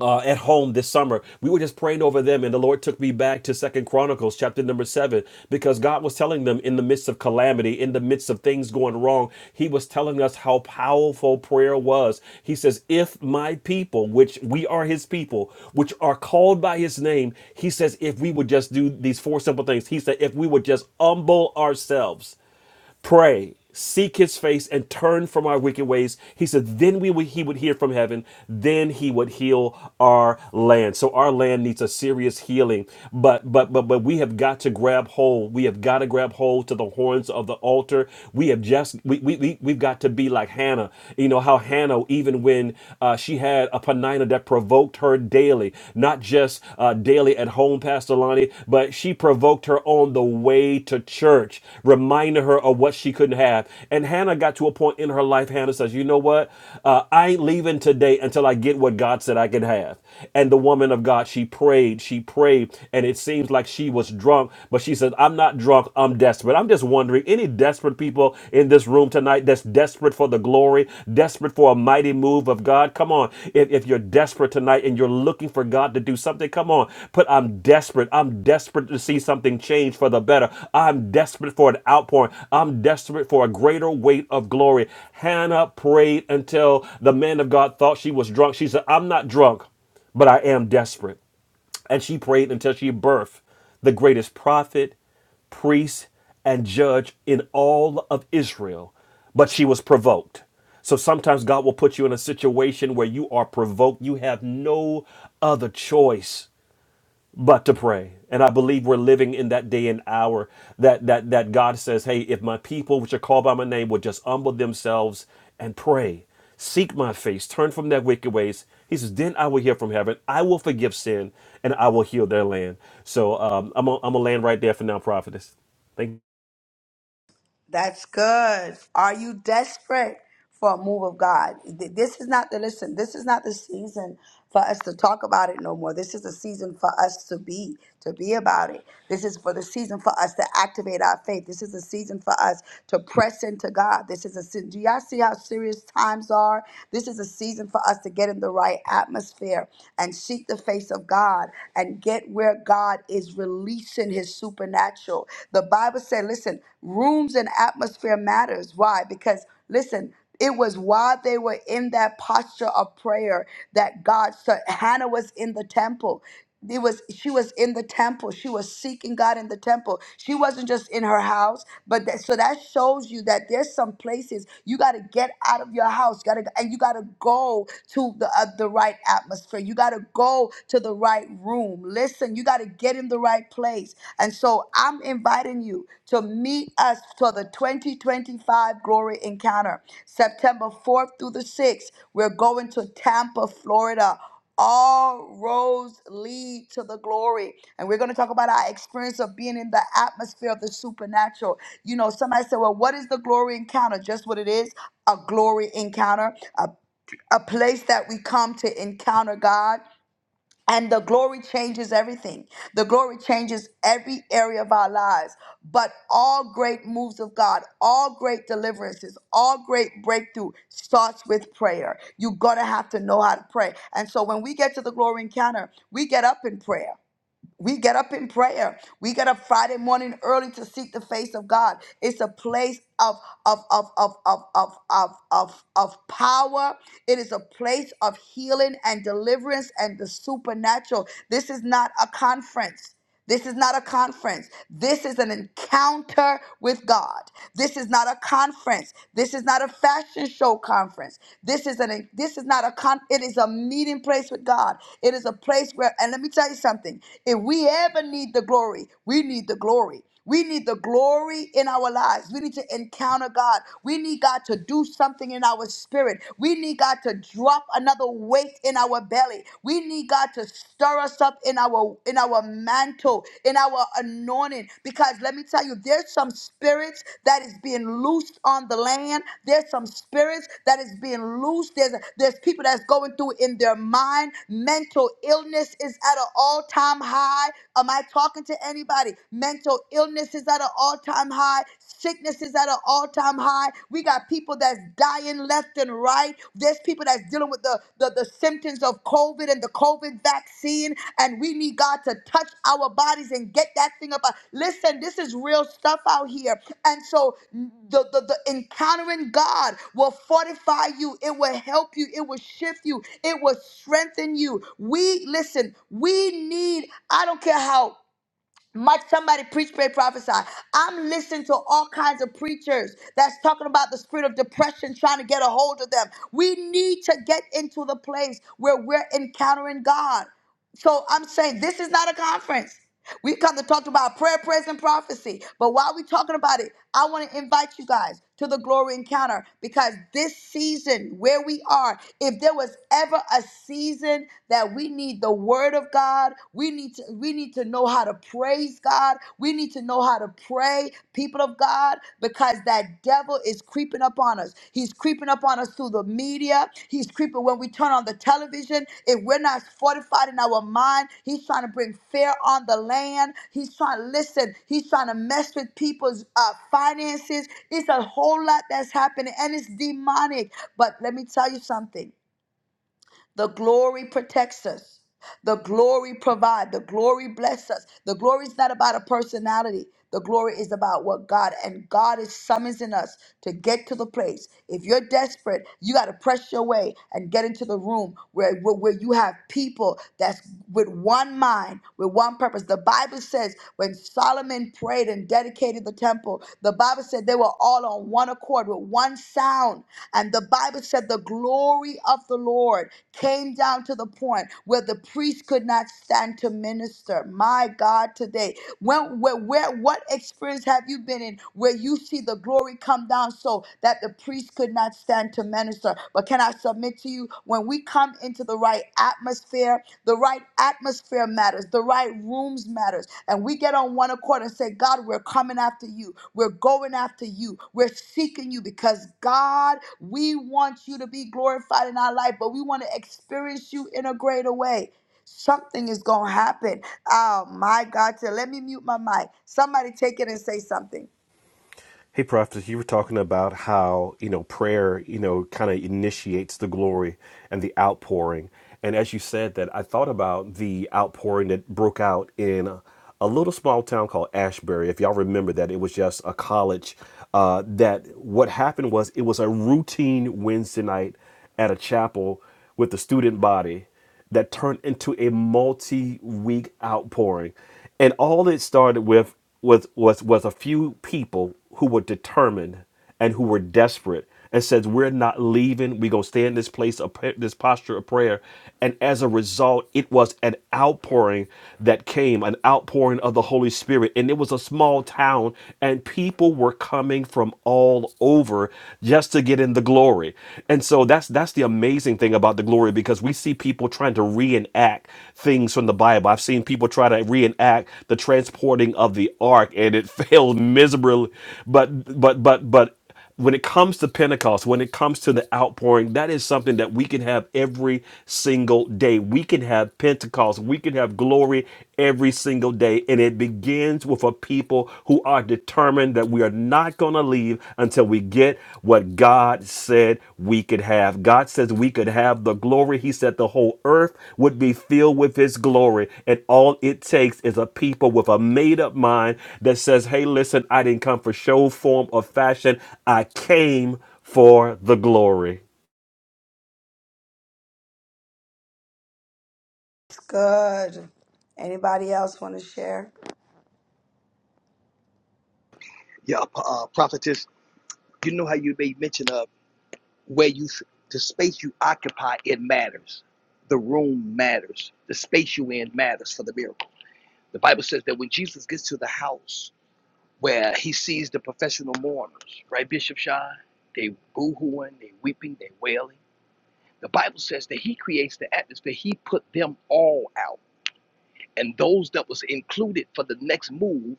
uh, at home this summer. We were just praying over them, and the Lord took me back to Second Chronicles chapter number seven because God was telling them in the midst of calamity, in the midst of things going wrong, He was telling us how powerful prayer was. He says, "If my people, which we are His people, which are called by His name," He says, "If we would just do these four simple things," He said, "If we would just humble ourselves." pray seek his face and turn from our wicked ways he said then we would he would hear from heaven then he would heal our land so our land needs a serious healing but but but but we have got to grab hold we have got to grab hold to the horns of the altar we have just we, we, we we've got to be like hannah you know how hannah even when uh, she had a penina that provoked her daily not just uh, daily at home, Pastor Lonnie, but she provoked her on the way to church, reminding her of what she couldn't have. And Hannah got to a point in her life, Hannah says, You know what? Uh, I ain't leaving today until I get what God said I could have. And the woman of God, she prayed, she prayed, and it seems like she was drunk, but she said, I'm not drunk, I'm desperate. I'm just wondering, any desperate people in this? in this room tonight that's desperate for the glory, desperate for a mighty move of God. Come on. If, if you're desperate tonight and you're looking for God to do something, come on. Put, I'm desperate. I'm desperate to see something change for the better. I'm desperate for an outpouring. I'm desperate for a greater weight of glory. Hannah prayed until the man of God thought she was drunk. She said, I'm not drunk, but I am desperate. And she prayed until she birthed the greatest prophet, priest, and judge in all of Israel. But she was provoked. So sometimes God will put you in a situation where you are provoked. You have no other choice but to pray. And I believe we're living in that day and hour that that that God says, "Hey, if my people, which are called by my name, would just humble themselves and pray, seek my face, turn from their wicked ways," He says, "Then I will hear from heaven. I will forgive sin, and I will heal their land." So um, I'm gonna I'm gonna land right there for now, prophetess. Thank That's good. Are you desperate for a move of God? Th- This is not the listen. This is not the season for us to talk about it no more. This is the season for us to be to be about it. This is for the season for us to activate our faith. This is the season for us to press into God. This is a se- do y'all see how serious times are? This is a season for us to get in the right atmosphere and seek the face of God and get where God is releasing. send his supernatural. The Bible said, listen, rooms and atmosphere matters. Why? Because listen, it was while they were in that posture of prayer that God started. Hannah was in the temple. It was she was in the temple. She was seeking God in the temple. She wasn't just in her house, but that, so that shows you that there's some places you got to get out of your house. Got to and you got to go to the uh, the right atmosphere. You got to go go to the right room. Listen, you got to get in the right place. And so I'm inviting you to meet us for the 2025 Glory Encounter, September 4th through the 6th. We're going to Tampa, Florida. All roads lead to the glory. And we're going to talk about our experience of being in the atmosphere of the supernatural. You know, somebody said, Well, what is the glory encounter? Just what it is a glory encounter, a a place that we come to encounter God. And the glory changes everything. The glory changes every area of our lives. But all great moves of God, all great deliverances, all great breakthrough starts with prayer. You're going to have to know how to pray. And so when we get to the glory encounter, we get up in prayer. We get up in prayer. We get up Friday morning early to seek the face of God. It's a place of of of of of of of of, of power. It is a place of healing and deliverance and the supernatural. This is not a conference. This is not a conference. This is an encounter with God. This is not a conference. This is not a fashion show conference. This is an this is not a con it is a meeting place with God. It is a place where and let me tell you something. If we ever need the glory, we need the glory. We need the glory in our lives. We need to encounter God. We need God to do something in our spirit. We need God to drop another weight in our belly. We need God to stir us up in our in our mantle, in our anointing. Because let me tell you, there's some spirits that is being loosed on the land. There's some spirits that is being loosed. There's there's people that's going through in their mind. Mental illness is at an all-time high. Am I talking to anybody? body. Mental illness is at an all time high. Sickness is at an all time high. We got people that's dying left and right. There's people that's dealing with the, the, the symptoms of COVID and the COVID vaccine. And we need God to touch our bodies and get that thing up. Listen, this is real stuff out here. And so the, the, the encountering God will fortify you, it will help you, it will shift you, it will strengthen you. We, listen, we need, I don't care how much somebody preach, pray, prophesy. I'm listening to all kinds of preachers that's talking about the spirit of depression trying to get a hold of them. We need to get into the place where we're encountering God. So I'm saying this is not a conference. We've come to talk about prayer, praise, and prophecy. But while we're talking about it, I want to invite you guys to the glory encounter because this season where we are, if there was ever a season that we need the word of God. We need to we need to know how to praise God. We need to know how to pray, people of God, because that devil is creeping up on us. He's creeping up on us through the media. He's creeping when we turn on the television. If we're not fortified in our mind, he's trying to bring fear on the land. He's trying to listen. He's trying to mess with people's uh, finances. It's a whole lot that's happening, and it's demonic. But let me tell you something. The glory protects us. The glory provide. The glory bless us. The glory is not about a personality. The glory is about what God and God is summoning us to get to the place. If you're desperate, you got to press your way and get into the room where, where, where you have people that's with one mind, with one purpose. The Bible says when Solomon prayed and dedicated the temple, the Bible said they were all on one accord with one sound. And the Bible said the glory of the Lord came down to the point where the priest could not stand to minister. My God, today, when, where, where, what experience have you been in where you see the glory come down so that the priest could not stand to minister? But can I submit to you, when we come into the right atmosphere, the right atmosphere matters. The right rooms matters. And we get on one accord and say, God, we're coming after you. We're going after you. We're seeking you because God, we want you to be glorified in our life, but we want to experience you in a greater way. Something is going to happen. Oh my God. So let me mute my mic. Somebody take it and say something. Hey, Prophet, you were talking about how, you know, prayer, you know, kind of initiates the glory and the outpouring. And as you said that, I thought about the outpouring that broke out in a, a little small town called Ashbury. If y'all remember that, it was just a college. Uh, that what happened was it was a routine Wednesday night at a chapel with the student body that turned into a multi-week outpouring. And all it started with was was was a few people who were determined and who were desperate and says we're not leaving we're going to stay in this place of pra- this posture of prayer and as a result it was an outpouring that came an outpouring of the holy spirit and it was a small town and people were coming from all all over just to get in the glory. And so that's that's the amazing thing about the glory because we see people trying to reenact things from the Bible. I've seen people try to reenact the transporting of the ark and it failed miserably. But but but but when it comes to Pentecost, when it comes to the outpouring, that is something that we can have every single day. We can have Pentecost. We can have glory every single day. And it begins with a people who are determined that we are not going to leave until we get what God. God said we could have. God says we could have the glory. He said the whole earth would be filled with His glory. And all it takes is a people with a made up mind that says, hey, listen, I didn't come for show, form, or fashion. I came for the glory. Good. Anybody else want to share? Yeah, uh, prophetess, you know how you made mention of where you, the space you occupy, it matters. The room matters. The space you in matters for the miracle. The Bible says that when Jesus gets to the house where he sees the professional mourners, right, Bishop Shine, they boo-hooing, they weeping, they wailing. The Bible says that he creates the atmosphere. He put them all out. And those that was included for the next move,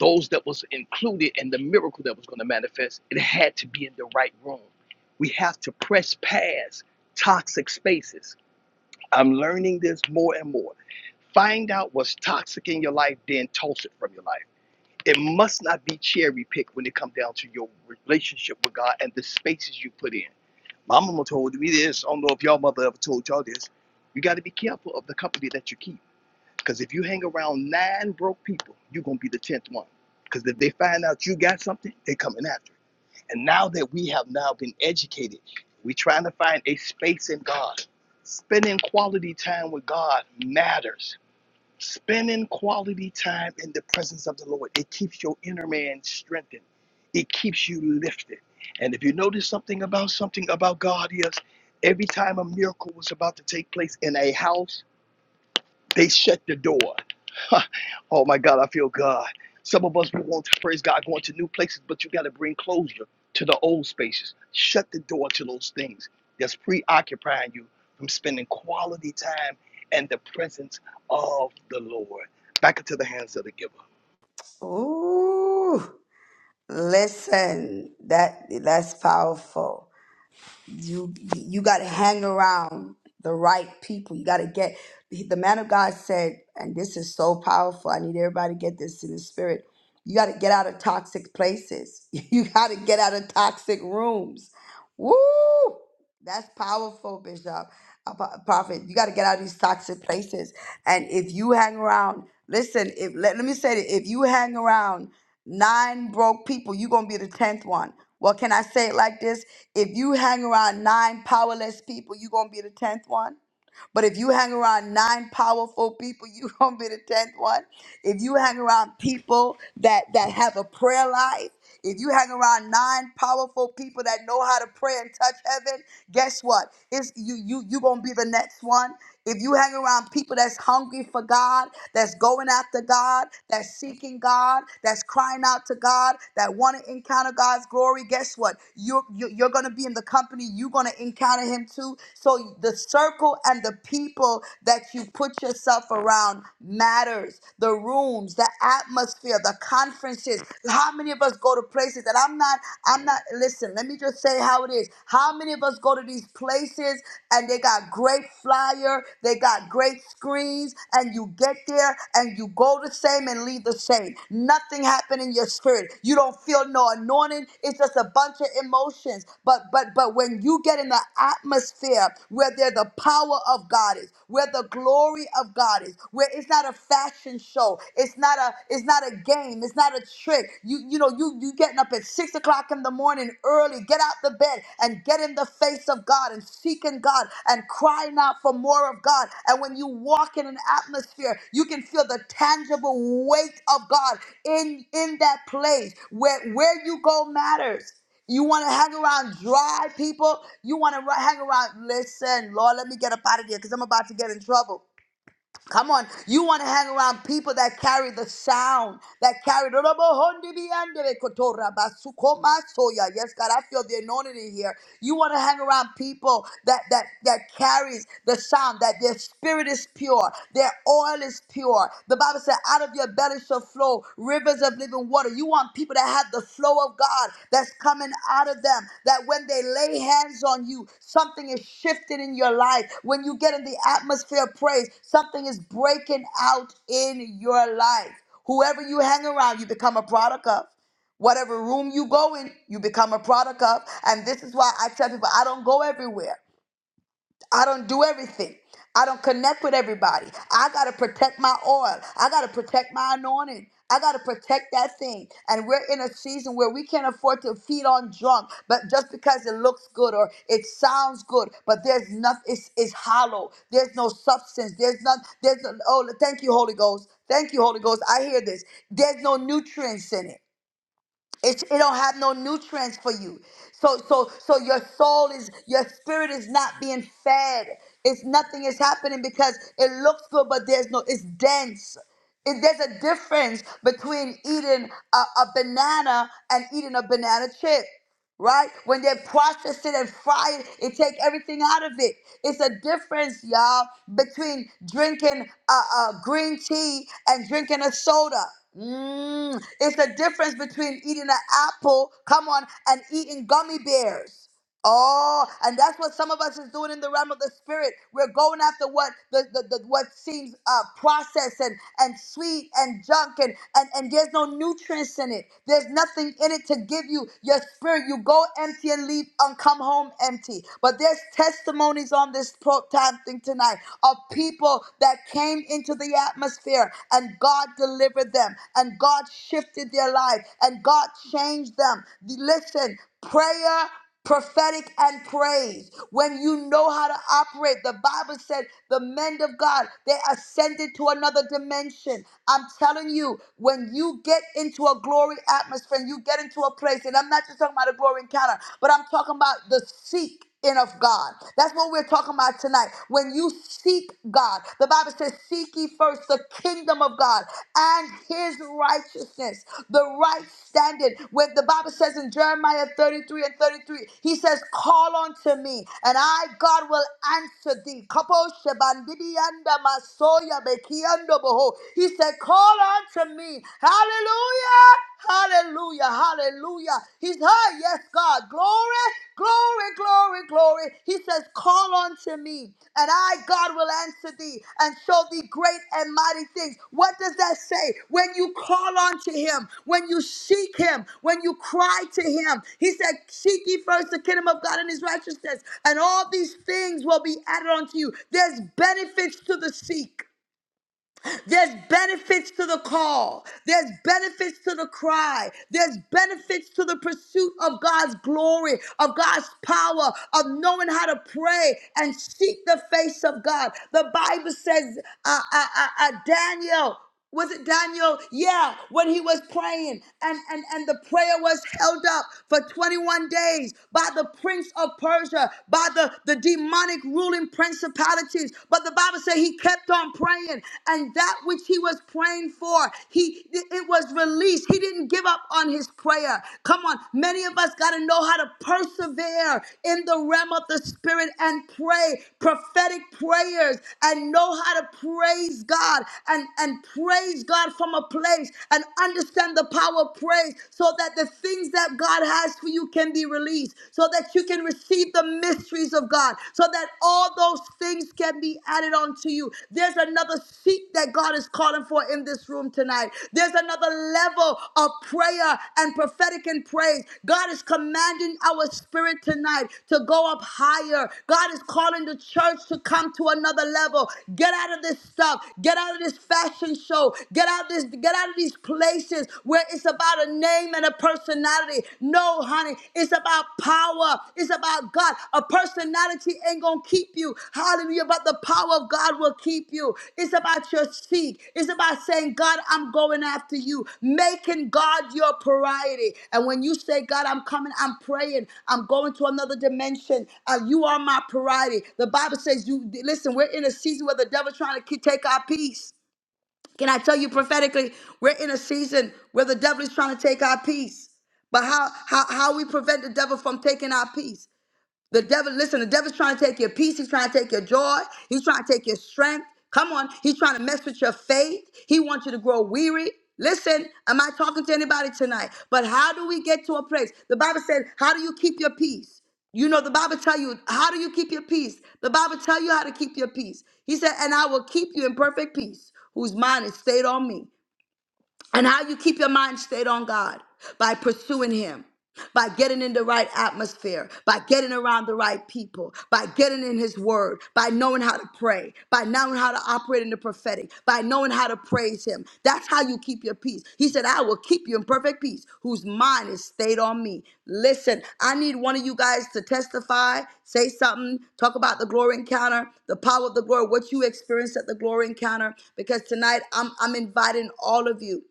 those that was included in the miracle that was going to manifest, it had to be in the right room. We have to press past toxic spaces. I'm learning this more and more. Find out what's toxic in your life, then toss it from your life It must not be cherry picked when it comes down to your relationship with God and the spaces you put in. My mama told me this. I don't know if y'all mother ever told y'all this. You got to be careful of the company that you keep. Because if you hang around nine broke people, you're going to be the 10th one. Because if they find out you got something, they coming after it. And now that we have now been educated, we trying to find a space in God. Spending quality time with God matters Spending quality time in the presence of the Lord, it keeps your inner man strengthened. It keeps you lifted. And if you notice something about something about God is every time a miracle was about to take place in a house they shut the door. oh my God, I feel God. Some of us we want to praise God going to new places, but you got to bring closure to the old spaces. Shut the door to those things that's preoccupying you from spending quality time and the presence of the Lord. Back into the hands of the giver. Ooh, listen, that that's powerful. you you got to hang around the right people you got to get the man of god said and this is so powerful i need everybody to get this in the spirit you got to get out of toxic places you got to get out of toxic rooms Woo! That's powerful, Bishop. Apo- Prophet, you got to get out of these toxic places. And if you hang around, listen, if let, let me say it, if you hang around nine broke people, you're going to be the 10th one. Well, can I say it like this? If you hang around nine powerless people, you're going to be the 10th one. But if you hang around nine powerful people, you gonna be the tenth one. If you hang around people that that have a prayer life, if you hang around nine powerful people that know how to pray and touch heaven, guess what? It's you you you gonna be the next one. If you hang around people that's hungry for God, that's going after God, that's seeking God, that's crying out to God, that want to encounter God's glory, guess what? You're, you're, you're going to be in the company. You're going to encounter Him too. So the circle and the people that you put yourself around matters. The rooms, the atmosphere, the conferences. How many of us go to places that I'm not, I'm not, listen, let me just say how it is. How many of us go to these places and they got great flyer, They got great screens, and you get there and you go the same and leave the same. Nothing happened in your spirit. You don't feel no anointing. It's just a bunch of emotions. But but but when you get in the atmosphere where there the power of God is, where the glory of God is, where it's not a fashion show, it's not a it's not a game, it's not a trick. You you know you you getting up at six o'clock in the morning early. Get out the bed and get in the face of God and seeking God and crying out for more of God. And when you walk in an atmosphere, you can feel the tangible weight of God in in that place where where you go matters. You want to hang around dry people. You want to hang around. Listen, Lord, let me get up out of here because I'm about to get in trouble. Come on, you want to hang around people that carry the sound, that carry. Yes, God, I feel the anointing in here. You want to hang around people that that that carries the sound, that their spirit is pure, their oil is pure. The Bible said, "Out of your belly." belly shall flow rivers of living water. You want people that have the flow of God that's coming out of them, that when they lay hands on you, something is shifted in your life. When you get in the atmosphere of praise, something is breaking out in your life. Whoever you hang around, you become a product of. Whatever room you go in, you become a product of. And this is why I tell people I don't go everywhere. I don't do everything. I don't connect with everybody. I got to protect my oil. I got to protect my anointing. I got to protect that thing. And we're in a season where we can't afford to feed on drunk, but just because it looks good or it sounds good, but there's nothing, it's, it's hollow. There's no substance. There's not, there's no, oh, thank you, Holy Ghost. Thank you, Holy Ghost. I hear this. There's no nutrients in it. It, it don't have no nutrients for you. So so so your soul is your spirit is not being fed. It's nothing is happening because it looks good, but there's no. It's dense. It, there's a difference between eating a, a banana and eating a banana chip right? When they process it and fry it and take everything out of it. It's a difference, y'all, between drinking uh, uh, green tea and drinking a soda. Mm, it's a difference between eating an apple, come on, and eating gummy bears. Oh, and that's what some of us is doing in the realm of the spirit. We're going after what the, the, the what seems uh, processed and, and sweet and junk and, and and there's no nutrients in it. There's nothing in it to give you your spirit. You go empty and leave and come home empty. But there's testimonies on this pro- time thing tonight of people that came into the atmosphere and God delivered them and God shifted their life and God changed them. Listen, prayer prophetic and praise when you know how to operate the bible said the men of god they ascended to another dimension i'm telling you when you get into a glory atmosphere and you get into a place and i'm not just talking about a glory encounter but i'm talking about the seek in of God. That's what we're talking about tonight. When you seek God, the Bible says, Seek ye first the kingdom of God and his righteousness, the right standing. When the Bible says in Jeremiah 33 and 33, he says, Call unto me, and I, God, will answer thee. Kapo shebandibianda masoya bekiando boho. He said, Call unto me. Hallelujah. Hallelujah. Hallelujah. He's high. Yes, God. Glory, glory, glory, glory. He says, Call unto me, and I, God, will answer thee and show thee great and mighty things. What does that say? When you call unto him, when you seek him, when you cry to him, he said, Seek ye first the kingdom of God and his righteousness, and all these things will be added unto you. There's benefits to the seek. There's benefits to the call. There's benefits to the cry. There's benefits to the pursuit of God's glory, of God's power, of knowing how to pray and seek the face of God. The Bible says, uh, uh, uh, uh, Daniel was it Daniel? Yeah, when he was praying and, and, and the prayer was held up for 21 days by the prince of Persia, by the, the demonic ruling principalities. But the Bible said he kept on praying and that which he was praying for, he it was released. He didn't give up on his prayer. Come on, many of us got to know how to persevere in the realm of the spirit and pray prophetic prayers and know how to praise God and, and and praise God from a place and understand the power of praise so that the things that God has for you can be released, so that you can receive the mysteries of God, so that all those things can be added onto you. There's another seat that God is calling for in this room tonight. There's another level of prayer and prophetic and praise. God is commanding our spirit tonight to go up higher. God is calling the church to come to another level. Get out of this stuff. Get out of this fashion show. Get out this get out of these places where it's about a name and a personality. No, honey, it's about power. It's about God. A personality ain't gonna keep you. Hallelujah. But the power of God will keep you. It's about your seek. It's about saying, God, I'm going after you, making God your priority. And when you say, God, I'm coming, I'm praying, I'm going to another dimension. Uh, you are my priority. The Bible says, you listen, we're in a season where the devil's trying to ke- take our peace. Can I tell you prophetically, we're in a season where the devil is trying to take our peace. But how how how we prevent the devil from taking our peace? The devil, listen, the devil's trying to take your peace. He's trying to take your joy. He's trying to take your strength. Come on. He's trying to mess with your faith. He wants you to grow weary. Listen, am I talking to anybody tonight? But how do we get to a place? The Bible said, how do you keep your peace? You know, the Bible tell you, how do you keep your peace? The Bible tell you how to keep your peace. He said, and I will keep you in perfect peace, whose mind is stayed on me and how you keep your mind stayed on God by pursuing Him, by getting in the right atmosphere, by getting around the right people, by getting in His Word, by knowing how to pray, by knowing how to operate in the prophetic, by knowing how to praise Him. That's how you keep your peace. He said, I will keep you in perfect peace, whose mind is stayed on me. Listen, I need one of you guys to testify, say something, talk about the glory encounter, the power of the glory, what you experienced at the glory encounter, because tonight I'm, I'm inviting all of you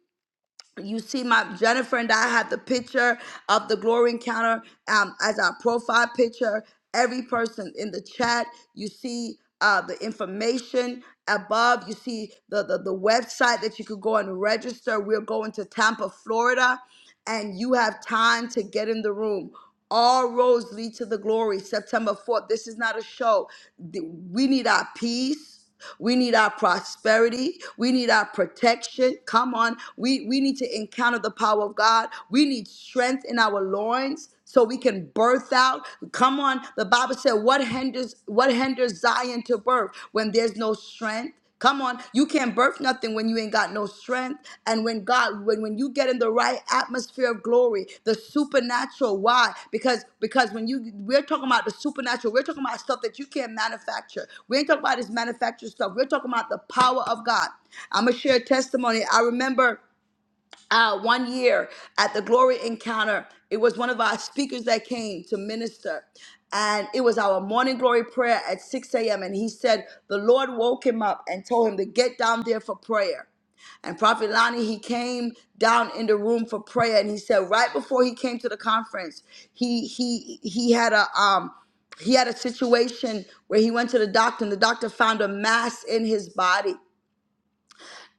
you see my Jennifer and I have the picture of the glory encounter um, as our profile picture. Every person in the chat, you see uh, the information above. You see the, the the website that you could go and register. We're going to Tampa, Florida and you have time to get in the room. All roads lead to the glory. September 4th. This is not a show. Th- We need our peace. We need our prosperity. We need our protection. Come on. We, we need to encounter the power of God. We need strength in our loins so we can birth out come on the bible said what hinders what hinders zion to birth when there's no strength come on you can't birth nothing when you ain't got no strength and when god when when you get in the right atmosphere of glory the supernatural why because because when you we're talking about the supernatural we're talking about stuff that you can't manufacture we ain't talking about this manufactured stuff we're talking about the power of god i'm gonna share a testimony i remember uh, one year at the Glory Encounter, it was one of our speakers that came to minister. And it was our morning glory prayer at 6 a.m. And he said, The Lord woke him up and told him to get down there for prayer. And Prophet Lonnie, he came down in the room for prayer. And he said, right before he came to the conference, he he he had a um he had a situation where he went to the doctor and the doctor found a mass in his body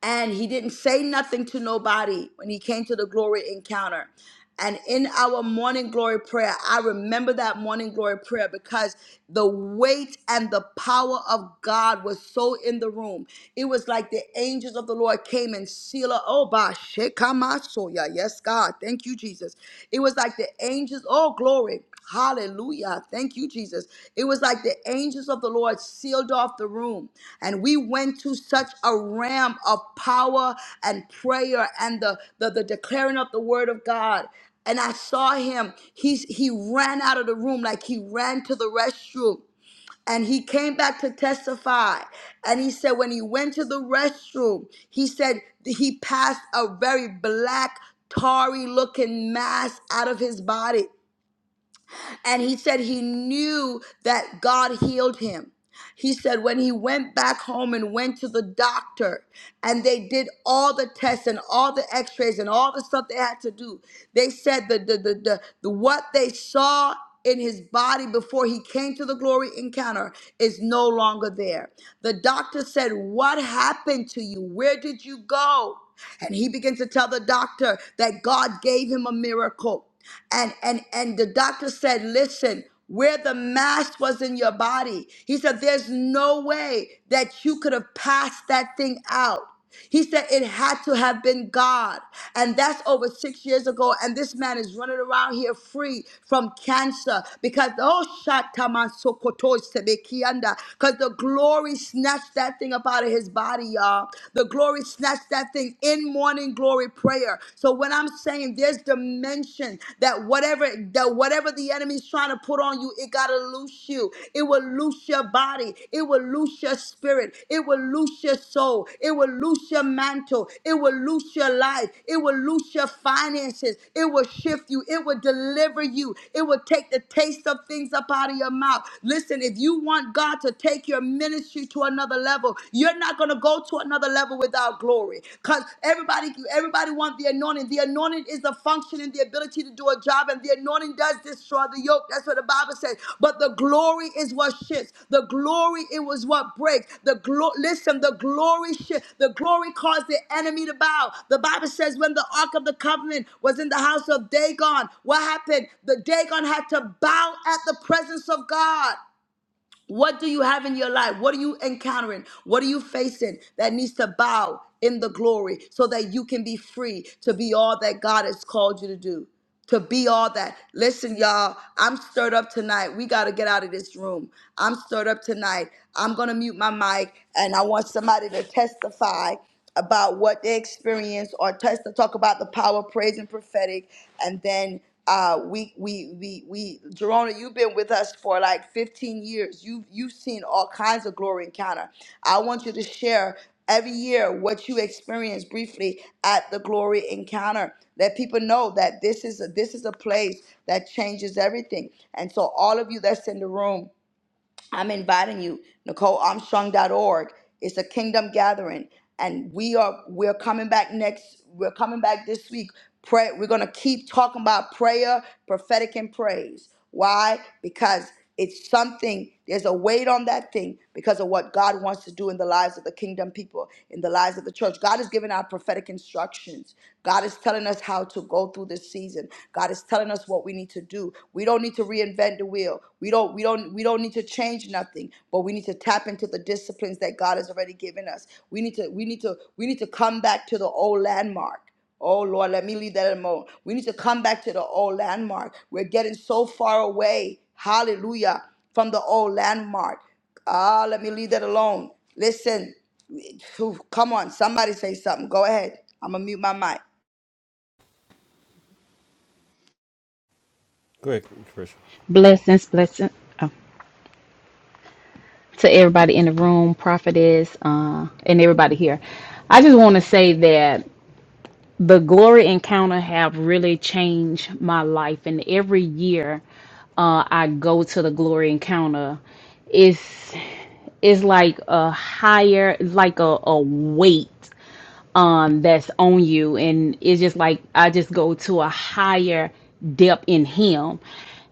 and he didn't say nothing to nobody when he came to the glory encounter. And in our morning glory prayer, I remember that morning glory prayer because the weight and the power of God was so in the room. It was like the angels of the Lord came and sealed. Oh, ba shekamasoya. Yes, God. Thank you, Jesus. It was like the angels. Oh, glory. Hallelujah. Thank you, Jesus. It was like the angels of the Lord sealed off the room. And we went to such a realm of power and prayer and the, the, the declaring of the word of God. And I saw him. He's, he ran out of the room like he ran to the restroom. And he came back to testify. And he said, when he went to the restroom, he said he passed a very black, tarry looking mass out of his body. And he said he knew that God healed him. He said when he went back home and went to the doctor and they did all the tests and all the x-rays and all the stuff they had to do, they said the the the, the, the what they saw in his body before he came to the glory encounter is no longer there. The doctor said, What happened to you? Where did you go? And he began to tell the doctor that God gave him a miracle. And and and the doctor said, Listen where the mass was in your body. He said, There's no way that you could have passed that thing out. He said it had to have been God. And that's over six years ago. And this man is running around here free from cancer because, oh, because the glory snatched that thing up out of his body, y'all. The glory snatched that thing in morning glory prayer. So when I'm saying there's dimension that whatever that whatever the enemy's trying to put on you, it gotta loose you. It will loose your body. It will loose your spirit. It will loose your soul. It will loose your mantle. It will loose your life. It will loose your finances. It will shift you. It will deliver you. It will take the taste of things up out of your mouth. Listen, if you want God to take your ministry to another level, you're not gonna go go to another level without glory. Because everybody, everybody wants the anointing. The anointing is the function and the ability to do a job, and the anointing does destroy the yoke. That's what the Bible says. But the glory is what shifts. The glory it was what breaks. The glory, listen, the glory shift. The glory caused the enemy to bow. The Bible says when the ark of the covenant was in the house of Dagon, what happened? The Dagon had to bow at the presence of God. What do you have in your life? What are you encountering? What are you facing that needs to bow in the glory so that you can be free to be all that God has called you to do? To be all that. Listen, y'all, I'm stirred up tonight. We got to get out of this room. I'm stirred up tonight. I'm going to mute my mic and I want somebody to testify about what they experienced or touch to talk about the power of praise and prophetic and then uh, we we we we Jerona, you've been with us for like 15 years. You've you've seen all kinds of glory encounter. I want you to share every year what you experience briefly at the glory encounter. Let people know that this is a, this is a place that changes everything. And so all of you that's in the room, I'm inviting you, NicoleArmstrong.org. It's a kingdom gathering, and we are we're coming back next. We're coming back this week. Pray. We're gonna keep talking about prayer, prophetic, and praise. Why? Because it's something. There's a weight on that thing because of what God wants to do in the lives of the kingdom people, in the lives of the church. God is giving out prophetic instructions. God is telling us how to go through this season. God is telling us what we need to need to do. We don't need to reinvent the wheel. We don't we don't we don't need to change nothing, but we need to tap into the disciplines that God has already given us. We need to we need to we need to come back to the old landmark. Oh Lord, let me leave that alone. We need to come back to the old landmark. We're getting so far away. Hallelujah. From the old landmark. Ah, let me leave that alone. Listen, come on, somebody say something. Go ahead. I'm gonna mute my mic. Quick, Trisha. Blessings, blessings oh, to everybody in the room, prophetess, uh, and everybody here. I just want to say that the glory encounter have really changed my life, and every year uh, I go to the glory encounter, it's it's like a higher, like a, a weight um that's on you, and it's just like I just go to a higher depth in Him,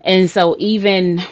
and so even.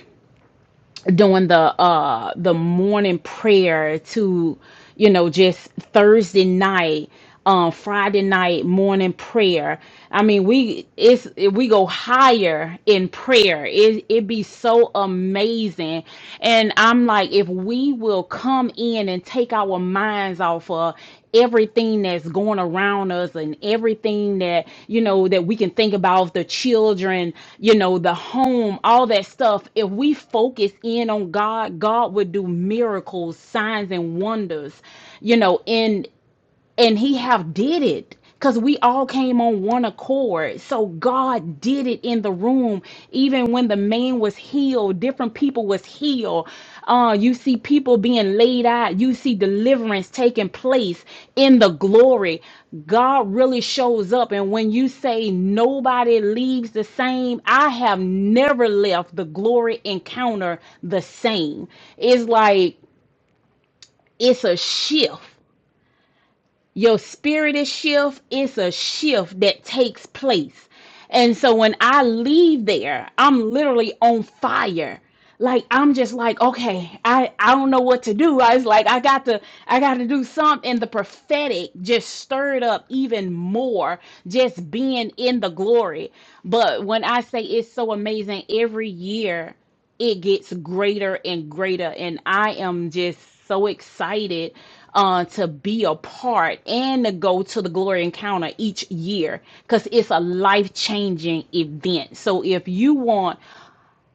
doing the uh the morning prayer to you know just thursday night um friday night morning prayer i mean we it's we go higher in prayer it it be so amazing and i'm like if we will come come in and take our minds off of everything that's going around us and everything that you know that we can think about the children you know the home all that stuff if we focus in on god god would do miracles signs and wonders you know in and he have did it because we all came on one accord so god did it in the room even when the man was healed different people was healed uh, you see people being laid out you see deliverance taking place in the glory god really shows up and when you say nobody leaves the same i have never left the glory encounter the same it's like it's a shift your spirit is shift. It's a shift that takes place. And so when I leave there, I'm literally on fire. Like I'm just like, okay, I, I don't know what to do. I was like, I got to I got to do something. And the prophetic just stirred up even more, just being in the glory. But when I say it's so amazing, every year it gets greater and greater and i am just so excited uh, to be a part and to go to the glory encounter each year because it's a life-changing event so if you want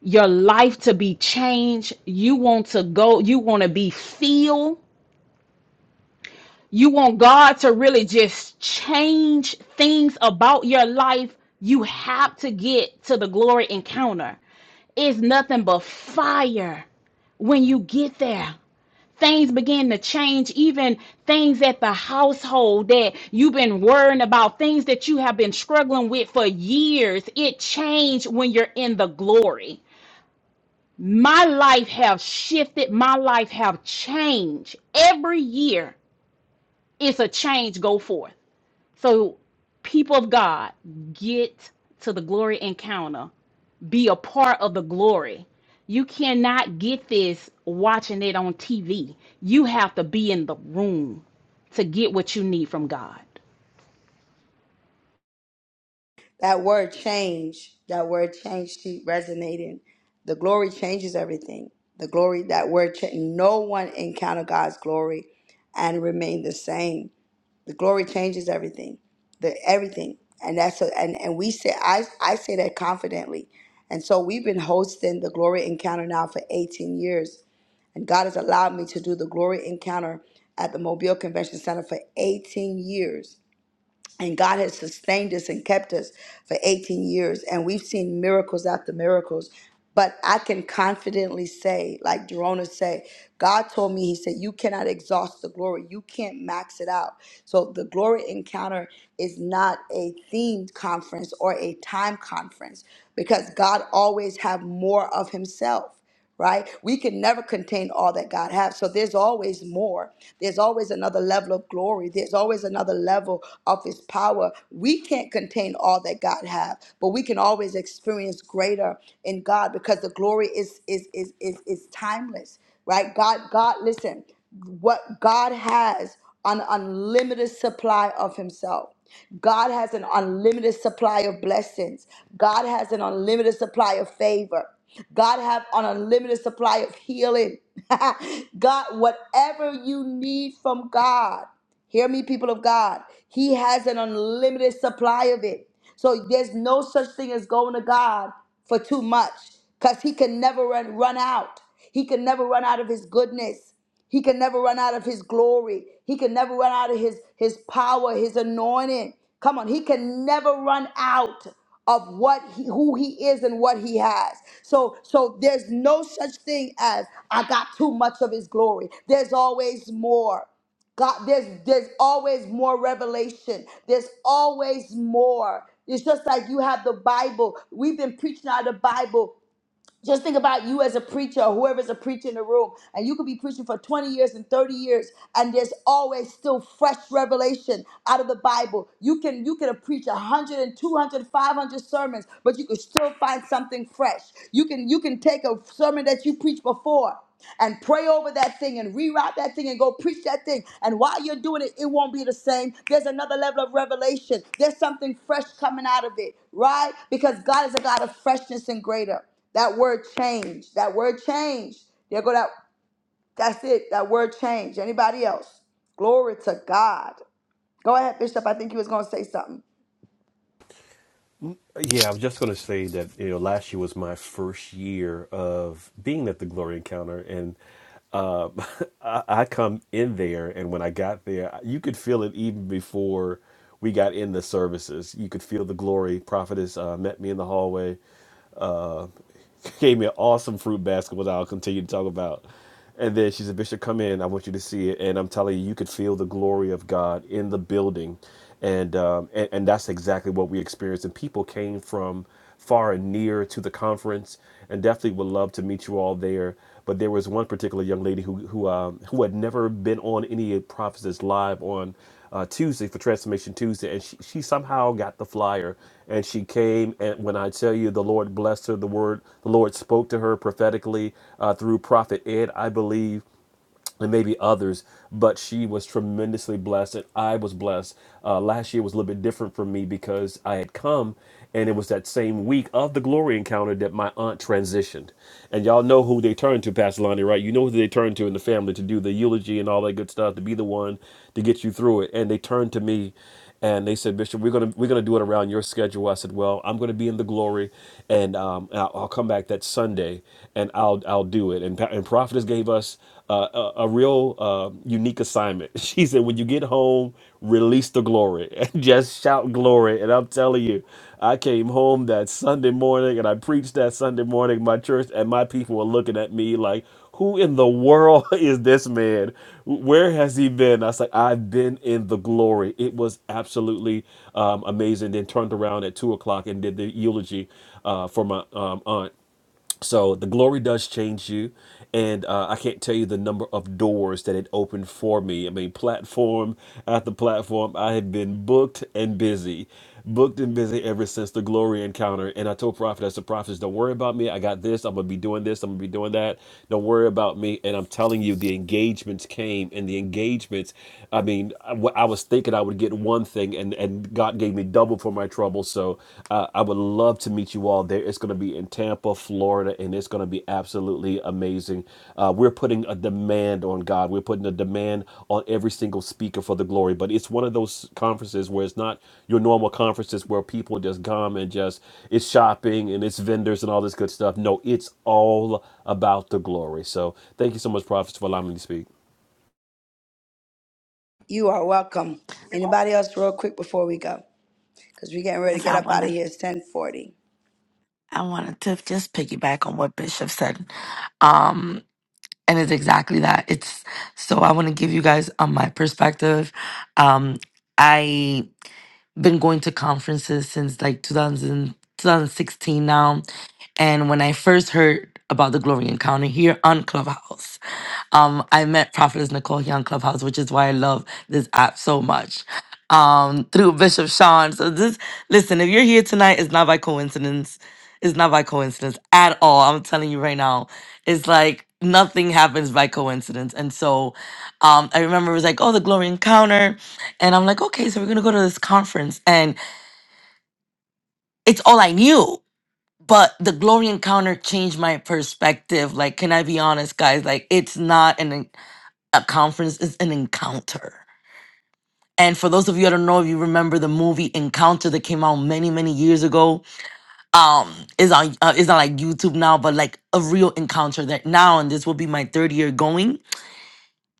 your life to be changed you want to go you want to be filled you want god to really just change things about your life you have to get to the glory encounter it's nothing but fire when you get there, things begin to change, even things at the household that you've been worrying about, things that you have been struggling with for years. It changed when you're in the glory. My life have shifted, my life have changed. Every year it's a change go forth. So people of God, get to the glory encounter be a part of the glory. You cannot get this watching it on TV. You have to be in the room to get what you need from God. That word change, that word change keep resonating. The glory changes everything. The glory, that word change. No one encountered God's glory and remained the same. The glory changes everything. The everything. And that's a, and, and we say I I say that confidently. And so we've been hosting the glory encounter now for 18 years. And God has allowed me to do the glory encounter at the Mobile Convention Center for 18 years. And God has sustained us and kept us for 18 years, and we've seen miracles after miracles. But I can confidently say, like Jerona said, God told me, He said, You cannot exhaust the glory. You can't max it out. So the glory encounter is not a themed conference or a time conference because God always have more of Himself right? We can never contain all that God has. So there's always more. There's always another level of glory. There's always another level of his power. We can't contain all that God has, but we can always experience greater in God because the glory is is is is, is timeless right? God, God, listen, what God has an unlimited supply of Himself. God has an unlimited supply of blessings. God has an unlimited supply of favor. God have an unlimited supply of healing. God, whatever you need from God, hear me, people of God, He has an unlimited supply of it. So there's no such thing as going to God for too much because he can never run, run out. He can never run out of his goodness. He can never run out of his glory. He can never run out of his, his power, his anointing. Come on, he can never run out of what he, who he is and what he has. So so there's no such thing as I got too much of his glory. There's always more. God, there's there's always more revelation. There's always more. It's just like you have the Bible. We've been preaching out of the Bible just think about you as a preacher or whoever's a preacher in the room, and you could be preaching for 20 years and 30 years, and there's always still fresh revelation out of the Bible. You can you can preach preached 100 sermons, but you could still find something fresh. You can you can take a sermon that you preached before and pray over that thing and reroute that thing and go preach that thing. And while you're doing it, it won't be the same. There's another level of revelation. There's something fresh coming out of it, right? Because God is a God of freshness and greater. That word change. That word change. There go that. That's it. That word change. Anybody else? Glory to God. Go ahead, Bishop. I think you was gonna say something. Yeah, I was just going to say that you know last year was my first year of being at the Glory Encounter, and uh, I, I come in there, and when I got there, you could feel it even before we got in the services. You could feel the glory. Prophetess uh, met me in the hallway. Uh, gave me an awesome fruit basket, which I'll continue to talk about. And then she said, Bishop, come in. I want you to see it. And I'm telling you, you could feel the glory of God in the building. And, um, and, and that's exactly what we experienced. And people came from far and near to the conference and definitely would love to meet you all there. But there was one particular young lady who who um, who had never been on any of Prophetess Live on uh, Tuesday for Transformation Tuesday, and she, she somehow got the flyer and she came. And when I tell you, the Lord blessed her. The word the Lord spoke to her prophetically uh, through Prophet Ed, I believe and maybe others, but she was tremendously blessed, and I was blessed. Uh, last year was a little bit different for me because I had come, and it was that same week of the glory encounter that my aunt transitioned. And y'all know who they turned to, Pastor Lonnie, right? You know who they turned to in the family to do the eulogy and all that good stuff, to be the one to get you through it. And they turned to me, and they said, Bishop, we're gonna we're gonna do it around your schedule. I said, Well, I'm gonna be in the glory, and um, I'll, I'll come back that Sunday, and I'll I'll do it. And Pa- and prophetess gave us uh, a, a real uh, unique assignment. She said, When you get home, release the glory and just shout glory. And I'm telling you, I came home that Sunday morning and I preached that Sunday morning. in My church and my people were looking at me like who in the world is this man? Where has he been? I was like, I've been in the glory. It was absolutely um, amazing. Then turned around at two o'clock and did the eulogy uh, for my um, aunt. So the glory does change you, and uh, I can't tell you the number of doors that it opened for me. I mean, platform after platform, I have been booked and busy, booked and busy ever since the glory encounter. And I told prophet, I said, "Prophet, don't worry about me. I got this. I'm gonna be doing this. I'm gonna be doing that. Don't worry about me. And I'm telling you, the engagements came, and the engagements. I mean, I, I was thinking I would get one thing, and and God God gave me double for my trouble. So uh, I would love to meet you all there. It's going to be in Tampa, Florida, and it's going to be absolutely amazing. Uh, we're putting a demand on God. We're putting a demand on every single speaker for the glory. But it's one of those conferences where it's not your normal conferences where people just come and just it's shopping and it's vendors and all this good stuff. No, it's all about the glory. So thank you so much, prophets, for allowing me to speak. You are welcome. Anybody else, real quick before we go, because we're getting ready to Yes, get I up out of wanted here. It's ten forty. I wanted to just piggyback on what Bishop said. and it's exactly that it's so i want to give you guys um, my perspective um i been going to conferences since like 2000, 2016 now and when i first heard about the glory encounter here on clubhouse um, I met Prophetess Nicole here on Clubhouse, which is why I love this app so much. Um, through Bishop Sean. So this listen, if you're here tonight, it's not by coincidence. It's not by coincidence at all. I'm telling you right now. It's like nothing happens by coincidence. And so um I remember it was like, oh, the glory encounter. And I'm like, okay, so we're gonna go to this conference. And it's all I knew. But the glory encounter changed my perspective. Like, can I be honest, guys? Like, it's not an a conference is an encounter. And for those of you I don't know if you remember the movie Encounter that came out many many years ago, um, is on uh, is on like YouTube now, but like a real encounter that now and this will be my third year going.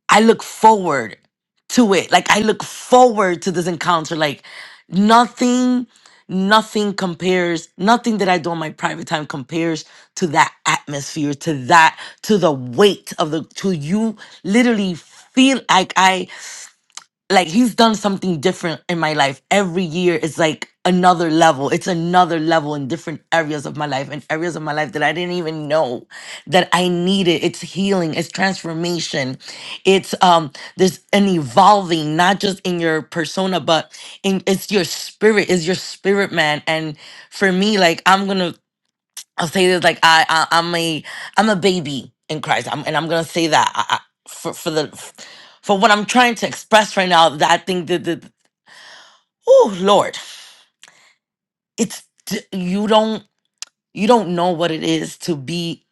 I look forward to it. Like I look forward to this encounter. Like nothing, nothing compares. Nothing that I do on my private time compares to that atmosphere, to that, to the weight of the, to you literally feel like I. like he's done something different in my life every year is like another level it's another level in different areas of my life and areas of my life that i didn't even know that i needed it's healing it's transformation it's um there's an evolving not just in your persona but in it's your spirit is your spirit man and for me like i'm gonna I'll say this like I, I I'm a I'm a baby in Christ. I'm, and I'm gonna say that I, I, for for the for what I'm trying to express right now. That I think that the oh Lord, it's d- you don't you don't know what it is to be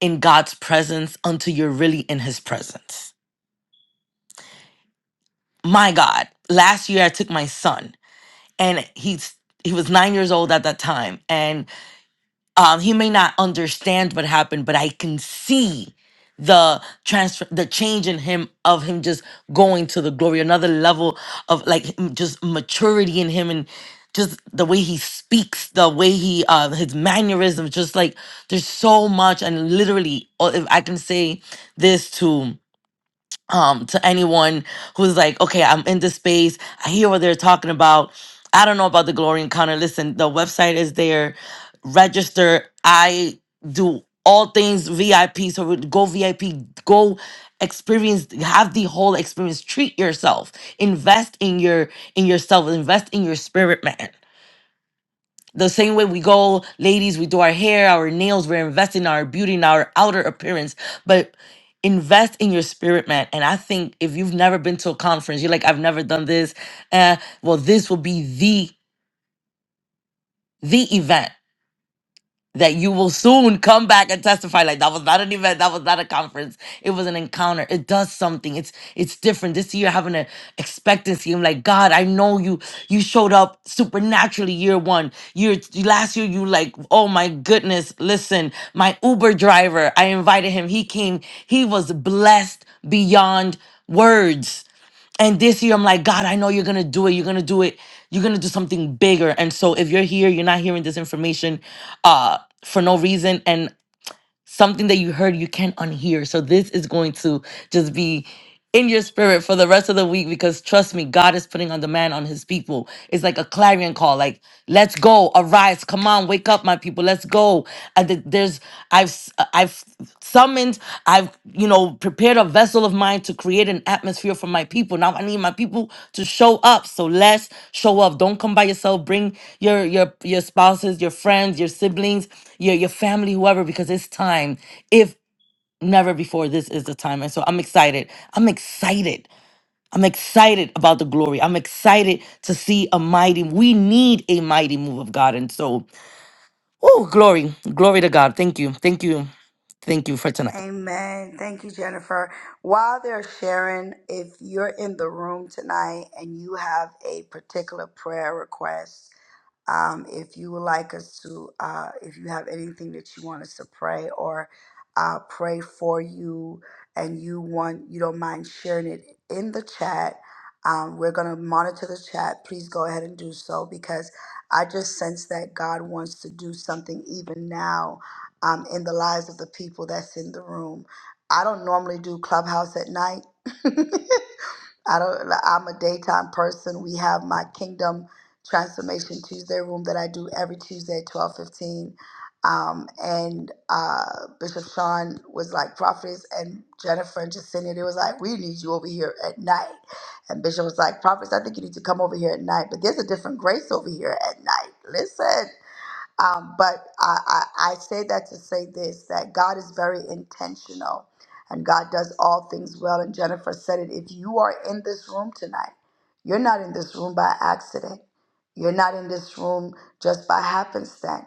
in God's presence until you're really in His presence. My God, last year I took my son and he's he was nine years old at that time and. um, he may not understand what happened, but I can see the transfer, the change in him of him just going to the glory, another level of like m- just maturity in him and just the way he speaks, the way he, uh, his mannerisms, just like there's so much. And literally, uh, if I can say this to um to anyone who's like okay i'm in this space i hear what they're talking about i don't know about the glory encounter listen the website is there register i do all things vip so we- go vip go experience have the whole experience treat yourself invest in your in yourself invest in your spirit man the same way we go, ladies, we do our hair, our nails, we're investing in our beauty and our outer appearance. But invest in your spirit, man. And I think if you've never been to a conference, you're like, I've never done this. Uh, well, this will be the the event that you will soon come back and testify like that was not an event that was not a conference it was an encounter it does something it's it's different this year having an expectancy i'm like god i know you you showed up supernaturally year one year last year you like oh my goodness listen my uber driver i invited him he came he was blessed beyond words and this year, I'm like, God, I know you're going to do it. You're going to do it. You're going to do something bigger. And so, if you're here, you're not hearing this information uh, for no reason, and something that you heard, you can't unhear. So, this is going to just be in your spirit for the rest of the week because trust me, God is putting on demand on his people. It's like a clarion call like, let's go, arise, come on, wake up, my people, let's go. And th- there's, I've, s- uh, I've summoned i've you know prepared a vessel of mine to create an atmosphere for my people now i need my people to show up so let's show up don't come by yourself bring your your your spouses your friends your siblings your your family whoever because it's time if never before this is the time and so i'm excited i'm excited i'm excited about the glory i'm excited to see a mighty we need a mighty move of god and so oh glory glory to god thank you thank you thank you for tonight Amen. Thank you, Jennifer. While they're sharing, if you're in the room tonight and you have a particular prayer request, um, if you would like us to, uh, if you have anything that you want us to pray or uh, pray for you, and you want, you don't mind sharing it in the chat, um, we're gonna monitor the chat. Please go ahead and do so because I just sense that God wants to do something even now um, in the lives of the people that's in the room. I don't normally do clubhouse at night. I don't. I'm a daytime person. We have my Kingdom Transformation Tuesday room that I do every Tuesday at twelve fifteen. Um, and uh, Bishop Sean was like prophets, and Jennifer and Jacinia, they was like, we need you over here at night. And Bishop was like, prophets, I think you need to come over here at night. But there's a different grace over here at night. Listen. Um, but I, I, I say that to say this that God is very intentional and God does all things well. And Jennifer said it if you are in this room tonight, you're not in this room by accident, you're not in this room just by happenstance.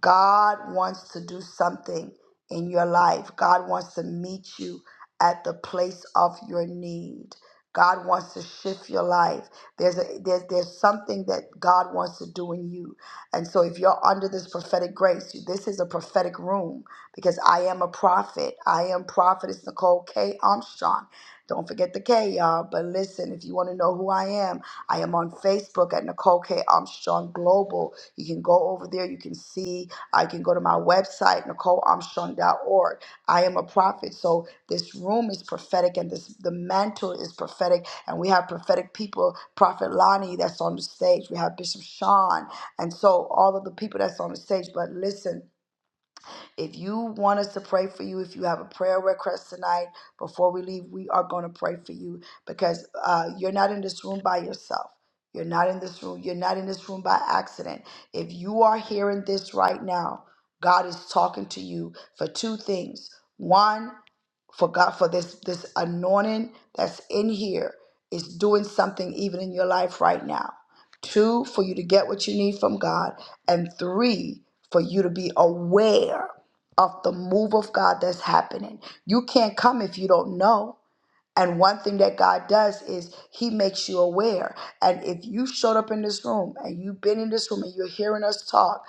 God wants to do something in your life, God wants to meet you at the place of your need. God wants to shift your life. There's a there's there's something that God wants to do in you. And so, if you're under this prophetic grace, this is a prophetic room because I am a prophet. I am prophetess Nicole K. Armstrong. Don't forget the K, y'all. But listen, if you want to know who I am, I am on Facebook at Nicole K. Armstrong Global. You can go over there. You can see. I can go to my website, NicoleArmstrong.org. I am a prophet. So this room is prophetic and this the mantle is prophetic. And we have prophetic people, Prophet Lonnie that's on the stage. We have Bishop Sean. And so all of the people that's on the stage. But listen, if you want us to pray for you, if you have a prayer request tonight, before we leave, we are going to pray for you because uh, you're not in this room by yourself. You're not in this room. You're not in this room by accident. If you are hearing this right now, God is talking to you for two things. One, for God, for this this anointing that's in here is doing something even in your life right now. Two, for you to get what you need from God, and three, for you to be aware of the move of God that's happening. You can't come if you don't know. And one thing that God does is He makes you aware. And if you showed up in this room and you've been in this room and you're hearing us talk,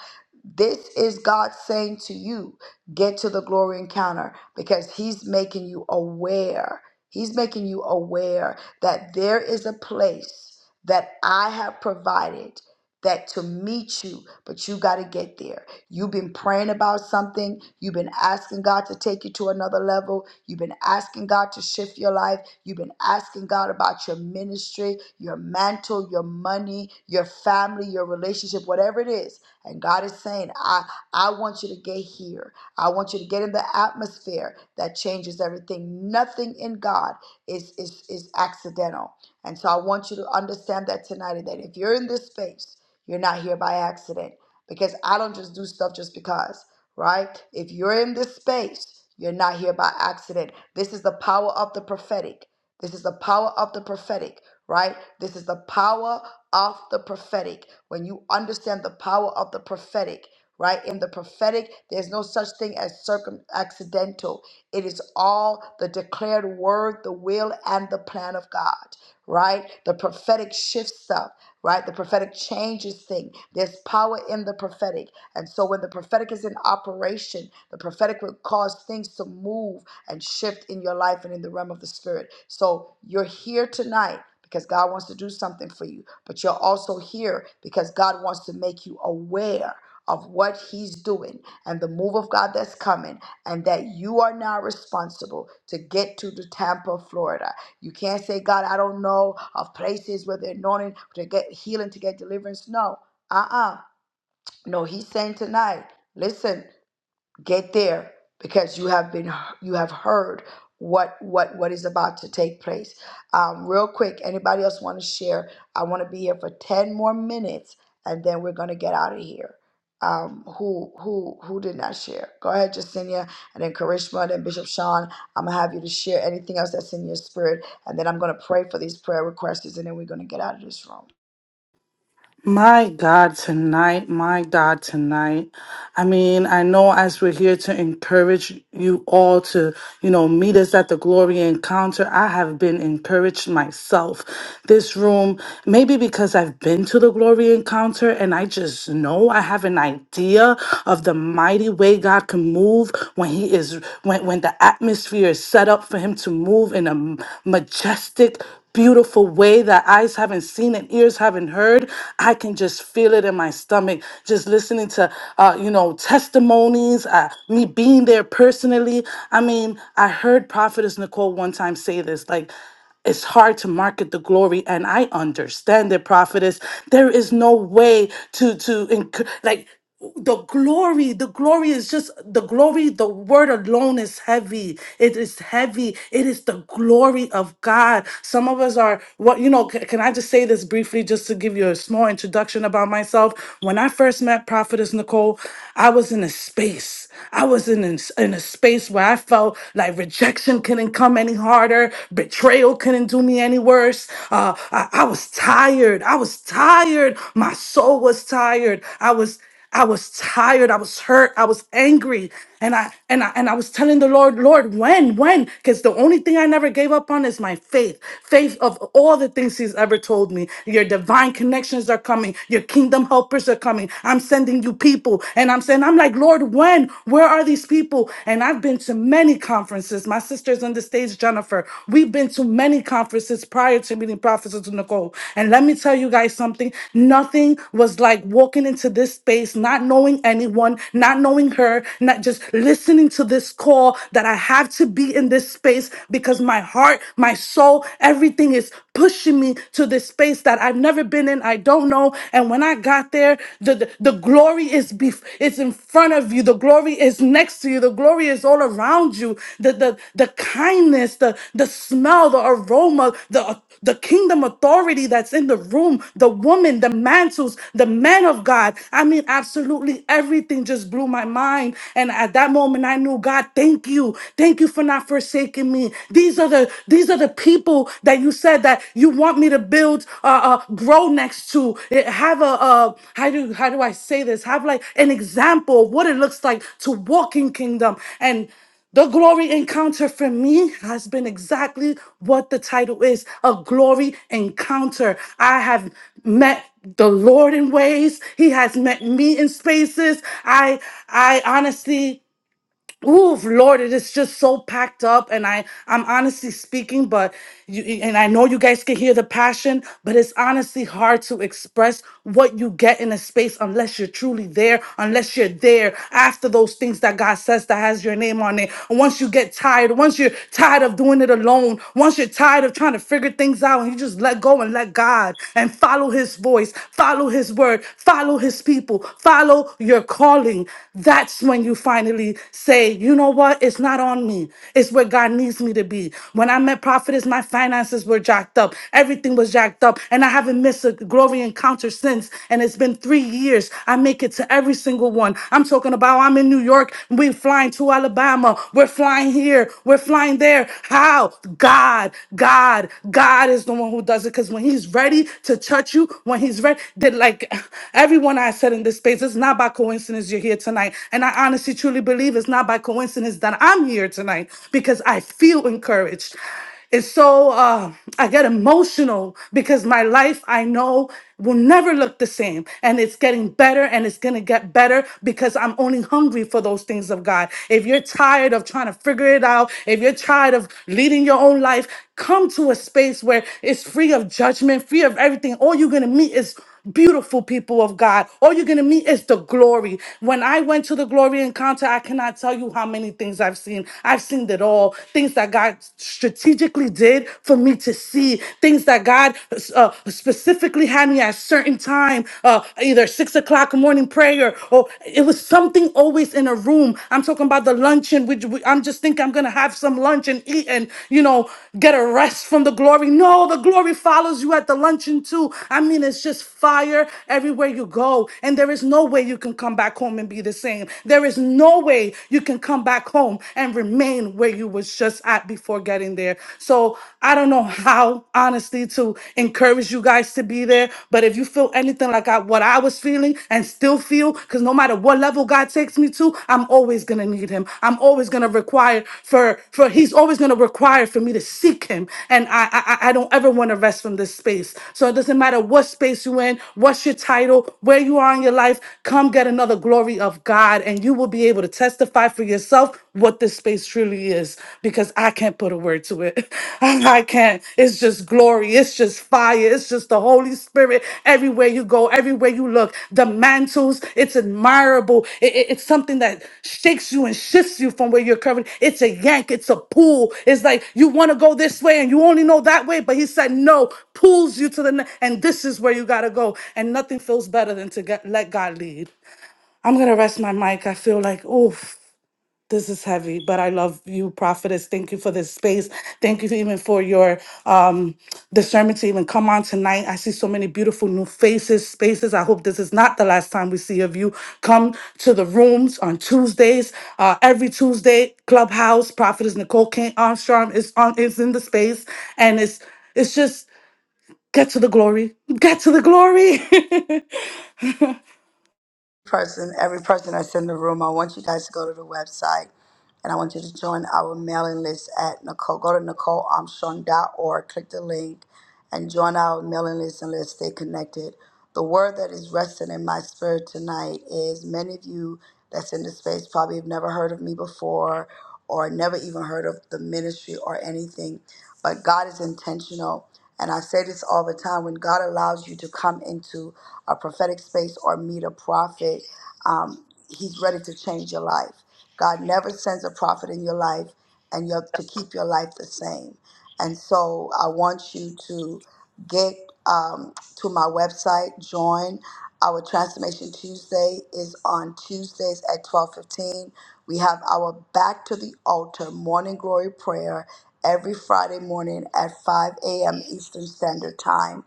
this is God saying to you, get to the glory encounter because He's making you aware. He's making you aware that there is a place that I have provided that to meet you, but you got to get there. You've been praying about something. You've been asking God to take you to another level. You've been asking God to shift your life. You've been asking God about your ministry, your mantle, your money, your family, your relationship, whatever it is. And God is saying, I, I want you to get here. I want you to get in the atmosphere that changes everything. Nothing in God is, is, is accidental. And so I want you to understand that tonight that if you're in this space, you're not here by accident because I don't just do stuff just because, right? If you're in this space, you're not here by accident. This is the power of the prophetic. This is the power of the prophetic, right? This is the power of the prophetic. When you understand the power of the prophetic, right? In the prophetic, there's no such thing as circum accidental. It is all the declared word, the will, and the plan of God, right? The prophetic shifts stuff right? The prophetic changes thing. There's power in the prophetic. And so when the prophetic is in operation, the prophetic will cause things to move and shift in your life and in the realm of the spirit. So you're here tonight because God wants to do something for you, but you're also here because God wants to make you aware of what he's doing and the move of God that's coming and that you are now responsible to get to the Tampa, Florida you can't say, God, I don't know of places where they're anointing to get healing, to get deliverance. No, uh uh No, he's saying tonight, listen, get there because you have been you have heard what what what is about to take place um, real quick anybody else want to share i want to be here for 10 more minutes and then we're going to get out of here um, who who who did not share go ahead Justinia and then Karishma and then Bishop Sean I'm gonna have you to share anything else that's in your spirit and then I'm gonna pray for these prayer requests and then we're gonna get out of this room my God, tonight, my God, tonight. I mean, I know as we're here to encourage you all to, you know, meet us at the glory encounter, I have been encouraged myself. This room, maybe because I've been to the glory encounter and I just know I have an idea of the mighty way God can move when He is, when, when the atmosphere is set up for Him to move in a majestic, beautiful way that eyes haven't seen and ears haven't heard. I can just feel it in my stomach just listening to, uh, you know, testimonies, uh, me being there personally. I mean, I heard Prophetess Nicole one time say this like, it's hard to market the glory and i understand it prophetess there is no way to to enc- like the glory the glory is just the glory the word alone is heavy it is heavy it is the glory of god some of us are what you know c- can i just say this briefly just to give you a small introduction about myself when i first met prophetess nicole i was in a space i was in a, s- in a space where i felt like rejection couldn't come any harder betrayal couldn't do me any worse uh, I, I was tired i was tired my soul was tired i was I was tired, I was hurt, I was angry, and I and I and I was telling the Lord, Lord, when, when? Because the only thing I never gave up on is my faith. Faith of all the things He's ever told me. Your divine connections are coming, your kingdom helpers are coming. I'm sending you people. And I'm saying, I'm like, Lord, when? Where are these people? And I've been to many conferences. My sister's on the stage, Jennifer. We've been to many many conferences prior to meeting Prophetess Nicole. And let me tell you guys something nothing was like walking into this space, not knowing anyone, not knowing her, not just listening to this call that I have to be in this space because my heart, my soul, everything is pushing me to this space that I've never been in. I don't know. And when I got there, the, the, the glory is bef- it's in front of you. The glory is next to you. The glory is all around you. The the, the kindness, the, the smell, the aroma, the the kingdom authority that's in the room, the woman, the mantles, the man of God. I mean, absolutely everything just blew my mind. And at that moment, I knew, God, thank you. Thank you for not forsaking me. These are the these are the people that you said that you you want me to build, uh, uh, grow next to, eh, have a, uh, how do, how do I say this? Have like an example of what it looks like to walk in kingdom. And the glory encounter for me has been exactly what the title is a glory encounter. I have met the Lord in ways. He has met me in spaces. I I honestly Ooh, Lord, it is just so packed up, and I, I'm honestly speaking, but you, and I know you guys can hear the passion, but it's honestly hard to express what you get in a space unless you're truly there, unless you're there after those things that God says that has your name on it. And once you get tired, once you're tired of doing it alone, once you're tired of trying to figure things out, and you just let go and let God and follow His voice, follow His word, follow His people, follow your calling. That's when you finally literally say, you know what? It's not on me. It's where God needs me to be. When I met Prophetess, my finances were jacked up. Everything was jacked up. And I haven't missed a glory encounter since. And it's been three years. I make it to every single one. I'm talking about I'm in New York. We're flying to Alabama. We're flying here. We're flying there. How? God, God, God is the one who does it. Because when He's ready to touch you, when He's ready, that like everyone I said in this space, it's not by coincidence you're here tonight. And I honestly to truly believe it's not by coincidence that I'm here tonight because I feel encouraged. It's so, uh, I get emotional because my life I know will never look the same. And it's getting better and it's going to get better because I'm only hungry for those things of God. If you're tired of trying to figure it out, if you're tired of leading your own life, come to a space where it's free of judgment, free of everything. All you're going to meet is beautiful people of God. All you're going to meet is the glory. When I went to the glory encounter, I cannot tell you how many things I've seen. I've seen it all. Things that God strategically did for me to see, things that God uh, specifically had me at a certain time, uh, either six o'clock morning prayer, or it was something always in a room. I'm talking about the luncheon, which we- I'm just thinking I'm going to have some lunch and eat and, you know, get a rest from the glory. No, the glory follows you at the luncheon too. I mean, it's just fire everywhere you go. And there is no way you can come back home and be the same. There is no way you can come back home and remain where you was just at before getting there. So I don't know how honestly to encourage you guys to be there, but if you feel anything like I, what I was was feeling and still feel, because no matter what level God takes me to, I'm always gonna need him. I'm always gonna require for for he's always gonna require for me to seek him. And I I, I I don't ever want to rest from this space. So it doesn't matter what space you're in, what's your title, where you are in your life, come get another glory of God, and you will be able to testify for yourself what this space truly is because I can't put a word to it. I can't. It's just glory. It's just fire. It's just the Holy Spirit everywhere you go, everywhere you look. The mantles, it's admirable. It- it- it's something that shakes you and shifts you from where you're currently. It's a yank. It's a pull. It's like you want to go this way and you only know that way, but he said no, pulls you to the ne- and this is where you got to go. And nothing feels better than to get let God lead. I'm going to rest my mic. I feel like, oof. This is heavy, but I love you, prophetess. Thank you for this space. Thank you for even for your um, discernment to even come on tonight. I see so many beautiful new faces, spaces. I hope this is not the last time we see of you. Come to the rooms on Tuesdays, uh, every Tuesday. Clubhouse prophetess Nicole King Armstrong is on is in the space, and it's it's just get to the glory, get to the glory. person, every person that's in the room, I want you guys to go to the website and I want you to join our mailing list at Nicole. Go to NicoleArmstrong.org, click the link, and join our mailing list and let's stay connected. The word that is resting in my spirit tonight is many of you that's in this space probably have never heard of me before or never even heard of the ministry or anything, but God is intentional. And I say this all the time when God allows you to come into a prophetic space or meet a prophet, um, he's ready to change your life. God never sends a prophet in your life and you have to keep your life the same. And so I want you to get um, to my website, join. Our Transformation Tuesday is on Tuesdays at 12:15. We have our Back to the Altar morning glory prayer every Friday morning at 5 a.m. Eastern Standard Time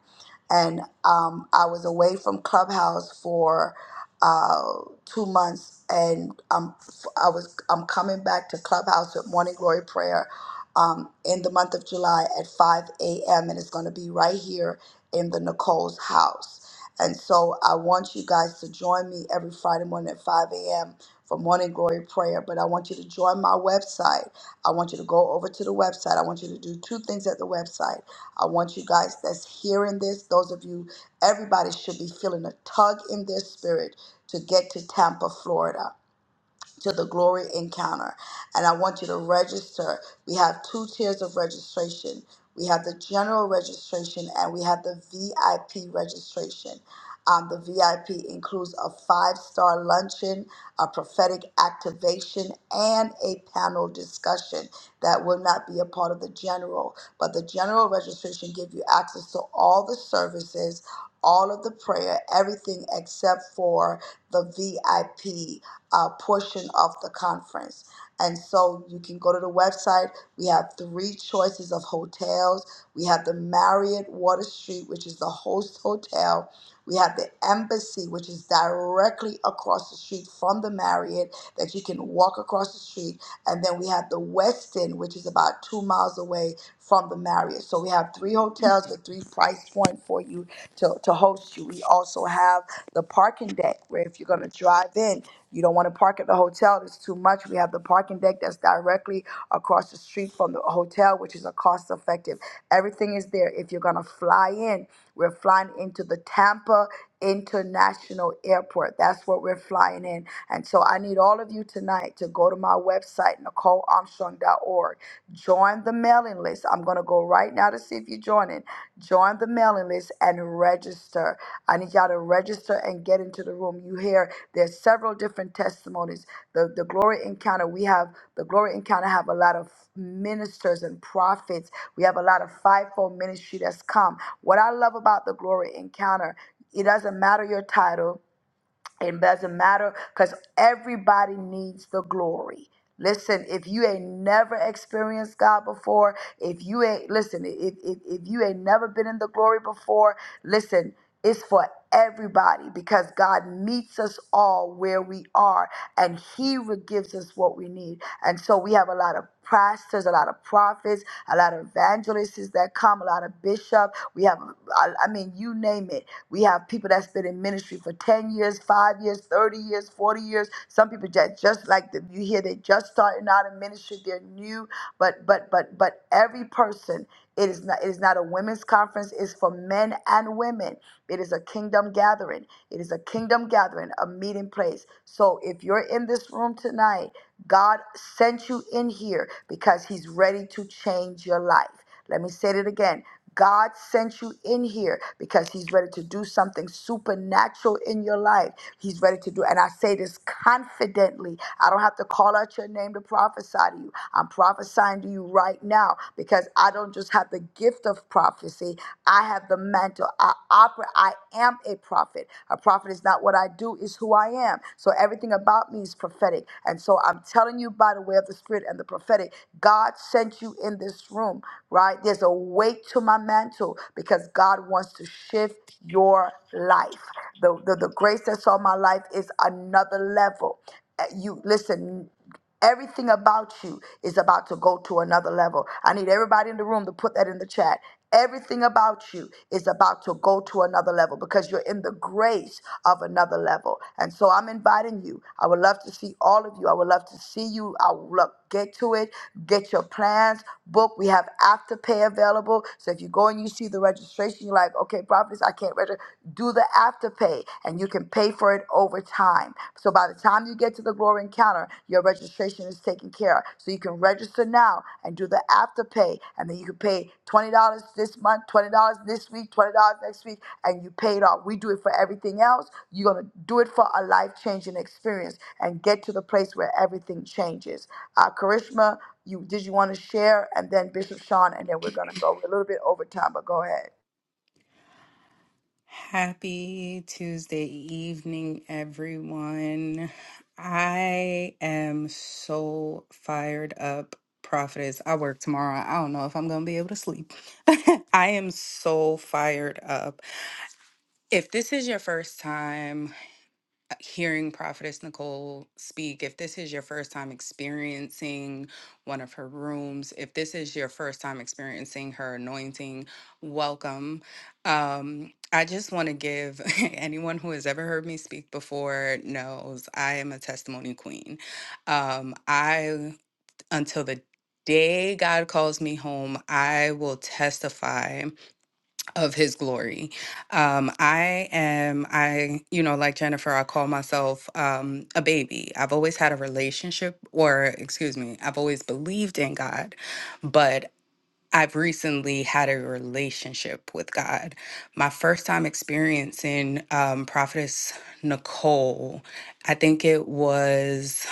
and um, I was away from Clubhouse for uh, two months, and um, I was I'm coming back to Clubhouse with Morning Glory Prayer um, in the month of July at 5 a.m. and it's going to be right here in the Nicole's house. And so I want you guys to join me every Friday morning at 5 a.m. for morning glory prayer. But I want you to join my website. I want you to go over to the website. I want you to do two things at the website. I want you guys that's hearing this, those of you, everybody should be feeling a tug in their spirit to get to Tampa, Florida to the glory encounter. And I want you to register. We have two tiers of registration. We have the general registration and we have the VIP registration. Um, the VIP includes a five star luncheon, a prophetic activation, and a panel discussion that will not be a part of the general. But the general registration gives you access to all the services, all of the prayer, everything except for the VIP uh, portion of the conference. And so you can go to the website. We have three choices of hotels. We have the Marriott Water Street, which is the host hotel. We have the Embassy, which is directly across the street from the Marriott, that you can walk across the street and then we have the Westin, which is about two miles away from the Marriott. So we have three hotels with three price point for you to, to host you. We also have the parking deck where if you're going to drive in, you don't want to park at the hotel. It's too much. We have the parking deck that's directly across the street from the hotel, which is a cost effective. Everything is there. If you're going to fly in, we're flying into the Tampa International Airport. That's what we're flying in. And so I need all of you tonight to go to my website, NicoleArmstrong.org. Join the mailing list. I'm going to go right now to see if you're joining. Join the mailing list and register. I need y'all to register and get into the room. You hear there's several different testimonies. The, the Glory Encounter, we have, the Glory Encounter have a lot of ministers and prophets. We have a lot of fivefold ministry that's come. What I love about the Glory Encounter it doesn't matter your title. It doesn't matter because everybody needs the glory. Listen, if you ain't never experienced God before, if you ain't, listen, if, if, if you ain't never been in the glory before, listen, it's for everybody because God meets us all where we are and He re- gives us what we need. And so we have a lot of pastors, a lot of prophets, a lot of evangelists that come, a lot of bishops. We have, I I mean, you name it. We have people that's been in ministry for for 10 years, 5 years, 30 years, 40 years. Some people just, just like the, you hear they just starting out in ministry, they're new, but but but but every person it is not it is not a women's conference, it's for men and women. It is a kingdom gathering. It is a kingdom gathering, a meeting place. So if you're in this room tonight, God sent you in here because he's ready to change your life. Let me say it again. God sent you in here because He's ready to do something supernatural in your life. He's ready to do, and I say this confidently. I don't have to call out your name to prophesy to you. I'm prophesying to you right now because I don't just have the gift of prophecy. I have the mantle. I operate. I am a prophet. A prophet is not what I do; is who I am. So everything about me things prophetic. And so I'm telling you by the way of the spirit and the prophetic, God sent you in this room, right? There's a weight to my mantle because God wants to shift your life. The, the, the grace that's on my life is another level. Uh, You listen. Everything about you is about to go to another level. I need everybody in the room to put that in the chat. Everything about you is about to go to another level because you're in the grace of another level. And so I'm inviting you. I would love to see all of you. I would love to see you. I would love get to it. Get your plans book. We have afterpay available. So if you go and you see the registration, you're like, okay, properties, I can't register. Do the afterpay, and you can pay Pay for it over time. So by the time you get to the glory encounter, your registration is taken care of. So you can register now and do the after pay. And then you can pay $20 this month, $20 this week, $20 next week, and you pay it off. We do it for everything else. You're going to do it for a life changing experience and get to the place where everything changes. Uh, Karishma, you did you want to share? And then Bishop Sean, and then we're going to go a little bit over time, but go ahead. Happy Tuesday evening, everyone. I am so fired up. Prophetess, I work tomorrow. I don't know if I'm going to be able to sleep. I am so fired up. If this is your first time, uh, hearing Prophetess Nicole speak, if this is your first time experiencing one of her rooms, if this is your first time experiencing her anointing, welcome. Um, I just want to give anyone who has ever heard me speak before knows I am a testimony queen. Um, I, until the day God calls me home, I will testify of his glory. Um, I am, I, you know, like Jennifer, I call myself um, a baby. I've always had a relationship, or excuse me, I've always believed in God, but I've recently had a relationship with God. My first time experiencing um, Prophetess Nicole, I think it was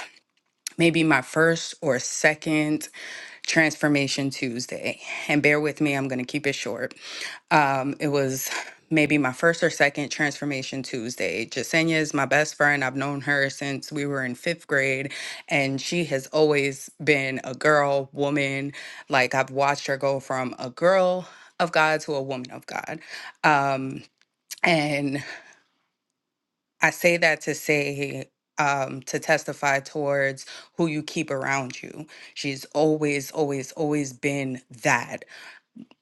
maybe my first or second Transformation Tuesday. And bear with me, I'm going to keep it short. Um, it was maybe my first or second Transformation Tuesday. Jasenia is my best friend. I've known her since we were in fifth grade, and she has always been a girl, woman. Like I've watched her go from a girl of God to a woman of God. Um, and I say that to say, um, to testify towards who you keep around you. She's always, always, always been that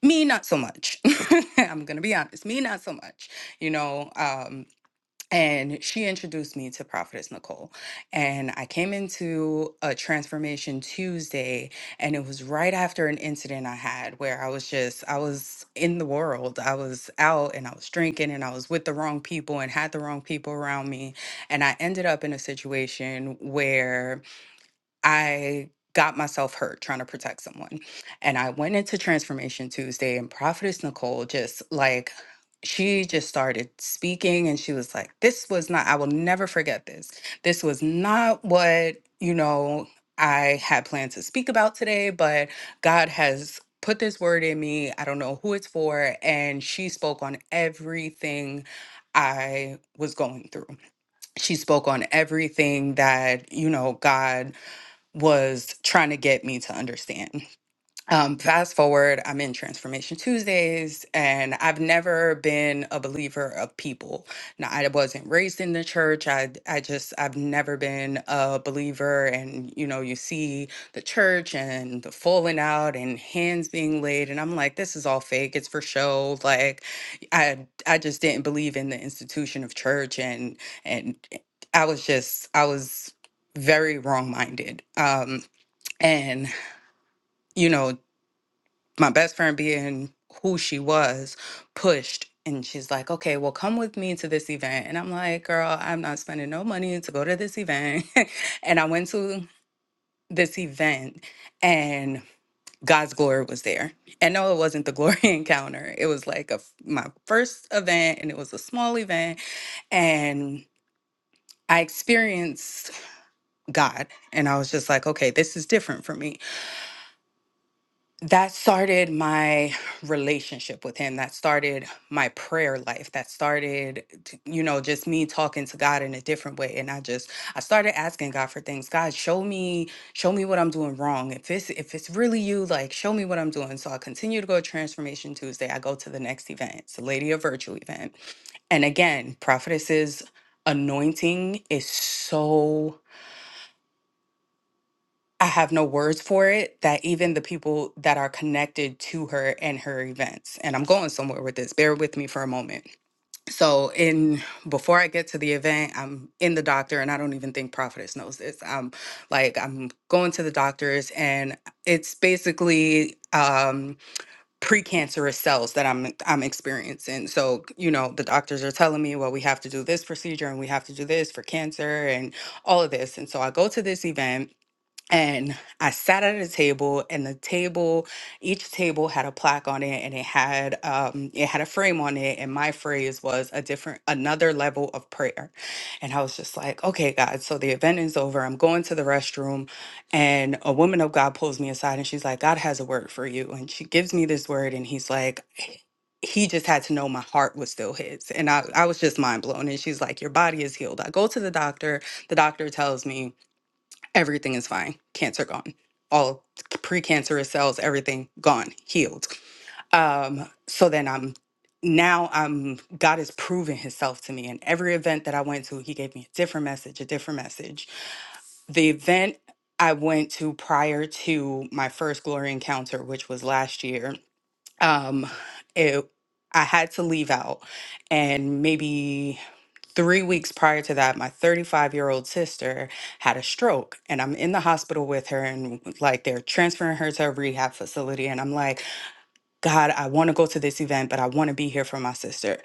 me not so much i'm gonna be honest me not so much you know um and she introduced me to prophetess nicole and i came into a transformation tuesday and it was right after an incident i had where i was just i was in the world i was out and i was drinking and i was with the wrong people and had the wrong people around me and i ended up in a situation where I got myself hurt trying to protect someone. And I went into Transformation Tuesday, and Prophetess Nicole just like, she just started speaking and she was like, This was not, I will never forget this. This was not what, you know, I had planned to speak about today, but God has put this word in me. I don't know who it's for. And she spoke on everything I was going through. She spoke on everything that, you know, God was trying to get me to understand. Um, fast forward, I'm in Transformation Tuesdays, and I've never been a believer of people. Now, I wasn't raised in the church. I, I just, I've never been a believer. And you know, you see the church and the falling out and hands being laid, and I'm like, this is all fake. It's for show. Like, I, I just didn't believe in the institution of church, and and I was just, I was very wrong-minded. Um, and my best friend being who she was pushed and she's like okay well come with me to this event and i'm like girl i'm not spending no money to go to this event and i went to this event and god's glory was there and no it wasn't the glory encounter it was like a f- my first event and it was a small event and i experienced god and i was just like okay this is different for me that started my relationship with him that started my prayer life that started t- you know just me talking to god in a different way and i just i started asking god for things god show me show me what i'm doing wrong if it's if it's really you like show me what i'm doing so i continue to go to transformation tuesday i go to the next event it's a lady of virtue event and again prophetess's anointing is so I have no words for it that even the people that are connected to her and her events, and I'm going somewhere with this, bear with me for a moment. So, in before I get to the event, I'm in the doctor, and I don't even think Prophetess knows this. I'm like, I'm going to the doctor's, and it's basically um precancerous cells that I'm I'm experiencing. So, you know, the doctors are telling me, well, we have to do this procedure and we have to do this for cancer and all of this. And so I go to this event and I sat at a table, and the table, each table had a plaque on it, and it had um, it had a frame on it, and my phrase was a different, another level of prayer, and I was just like, okay, God, so the event is over. I'm going to the restroom, and a woman of God pulls me aside, and she's like, God has a word for you, and she gives me this word, and He's like. He just had to know my heart was still his. And I, I was just mind blown. And she's like, Your body is healed. I go to the doctor. The doctor tells me everything is fine. Cancer gone. All precancerous cells, everything gone, healed. Um, so then I'm now I'm God has proven himself to me. And every event that I went to, he gave me a different message, a different message. The event I went to prior to my first glory encounter, which was last year, um, it I had to leave out and maybe Three weeks prior to that, my 35 year old sister had a stroke, and I'm in the hospital with her, and like they're transferring her to a rehab facility. And I'm like, God, I want to go to this event, but I want to be here for my sister.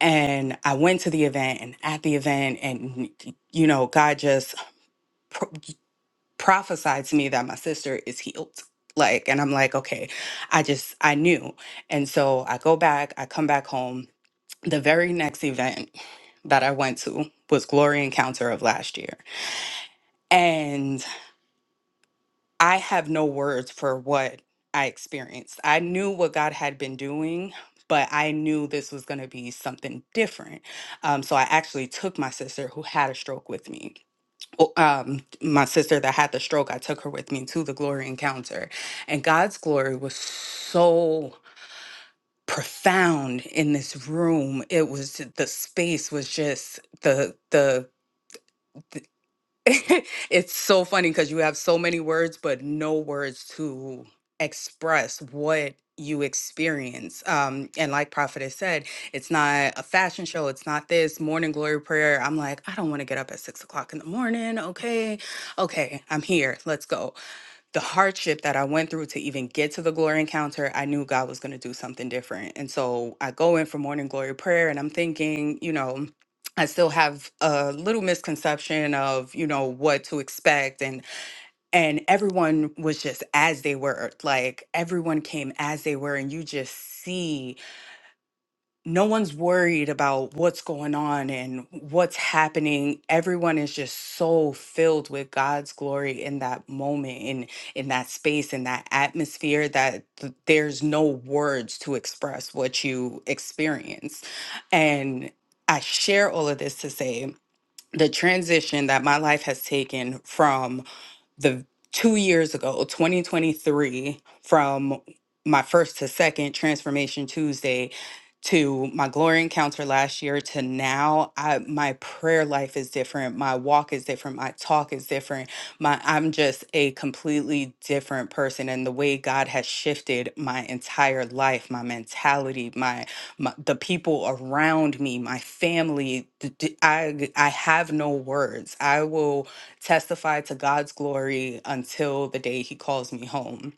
And I went to the event, and at the event, and you know, God just pro- prophesied to me that my sister is healed. Like, and I'm like, okay, I just, I knew. And so I go back, I come back home the very next event that I went to was Glory Encounter of last year. And I have no words for what I experienced. I knew what God had been doing, but I knew this was going to be something different. Um, so I actually took my sister who had a stroke with me. O- Um, my sister that had the stroke, I took her with me to the glory encounter. And God's glory was so profound in this room. It was the space was just the the, the it's so funny because you have so many words but no words to express what you experience. Um and like Prophet has said, it's not a fashion show, it's not this morning glory prayer. I'm like, I don't want to get up at six o'clock in the morning. Okay, okay, I'm here. Let's go the hardship that I went through to even get to the glory encounter, I knew God was going to do something different. And so I go in for morning glory prayer and I'm thinking, you know, I still have a little misconception of, you know, what to expect and and everyone was just as they were. Like everyone came as they were and you just see no one's worried about what's going on and what's happening. Everyone is just so filled with God's glory in that moment, in in that space, in that atmosphere that th- there's no words to express what you experience. And I share all of this to say the transition that my life has taken from the two years ago, 2023, from my first to second Transformation Tuesday to my glory encounter last year to now I my prayer life is different my walk is different my talk is different my I'm just a completely different person and the way God has shifted my entire life my mentality my, my the people around me my family th- th- I I have no words I will testify to God's glory until the day He calls me home.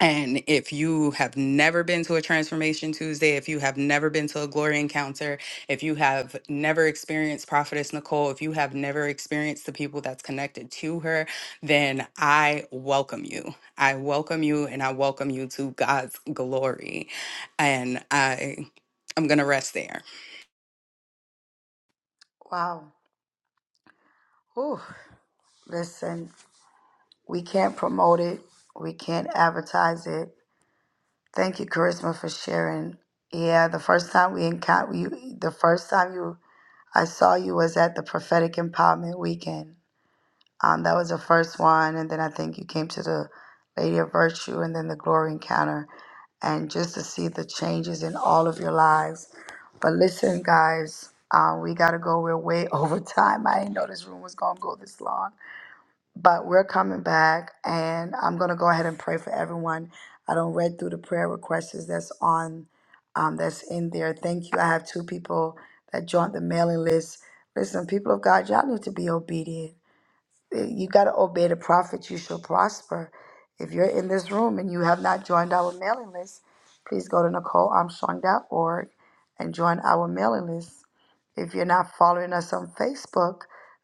And if you have never been to a Transformation Tuesday, if you have never been to a glory encounter, if you have never experienced Prophetess Nicole, if you have never experienced the people that's connected to her, then I welcome you. I welcome you and I welcome you to God's glory. And I I'm going to rest there. Wow. Ooh. Listen, We can't promote it. We can't advertise it. Thank you, Charisma, for sharing. Yeah, the first time we encountered you, the first time you, I saw you was at the Prophetic Empowerment Weekend. Um, that was the first one, and then I think you came to the Lady of Virtue, and then the Glory Encounter, and just to see the changes in all of your lives. But listen, guys, um, we gotta go. We're way over time. I didn't know this room was gonna go this long but we're coming back and i'm going to go ahead and pray for everyone i don't read through the prayer requests that's on um, that's in there thank you i have two people that joined the mailing list listen people of god y'all need to be obedient Eh, you got to obey the prophet you shall prosper if you're in this room and you have not joined our mailing list please go to nicolearmstrong.org and join our mailing list if you're not following us on Facebook,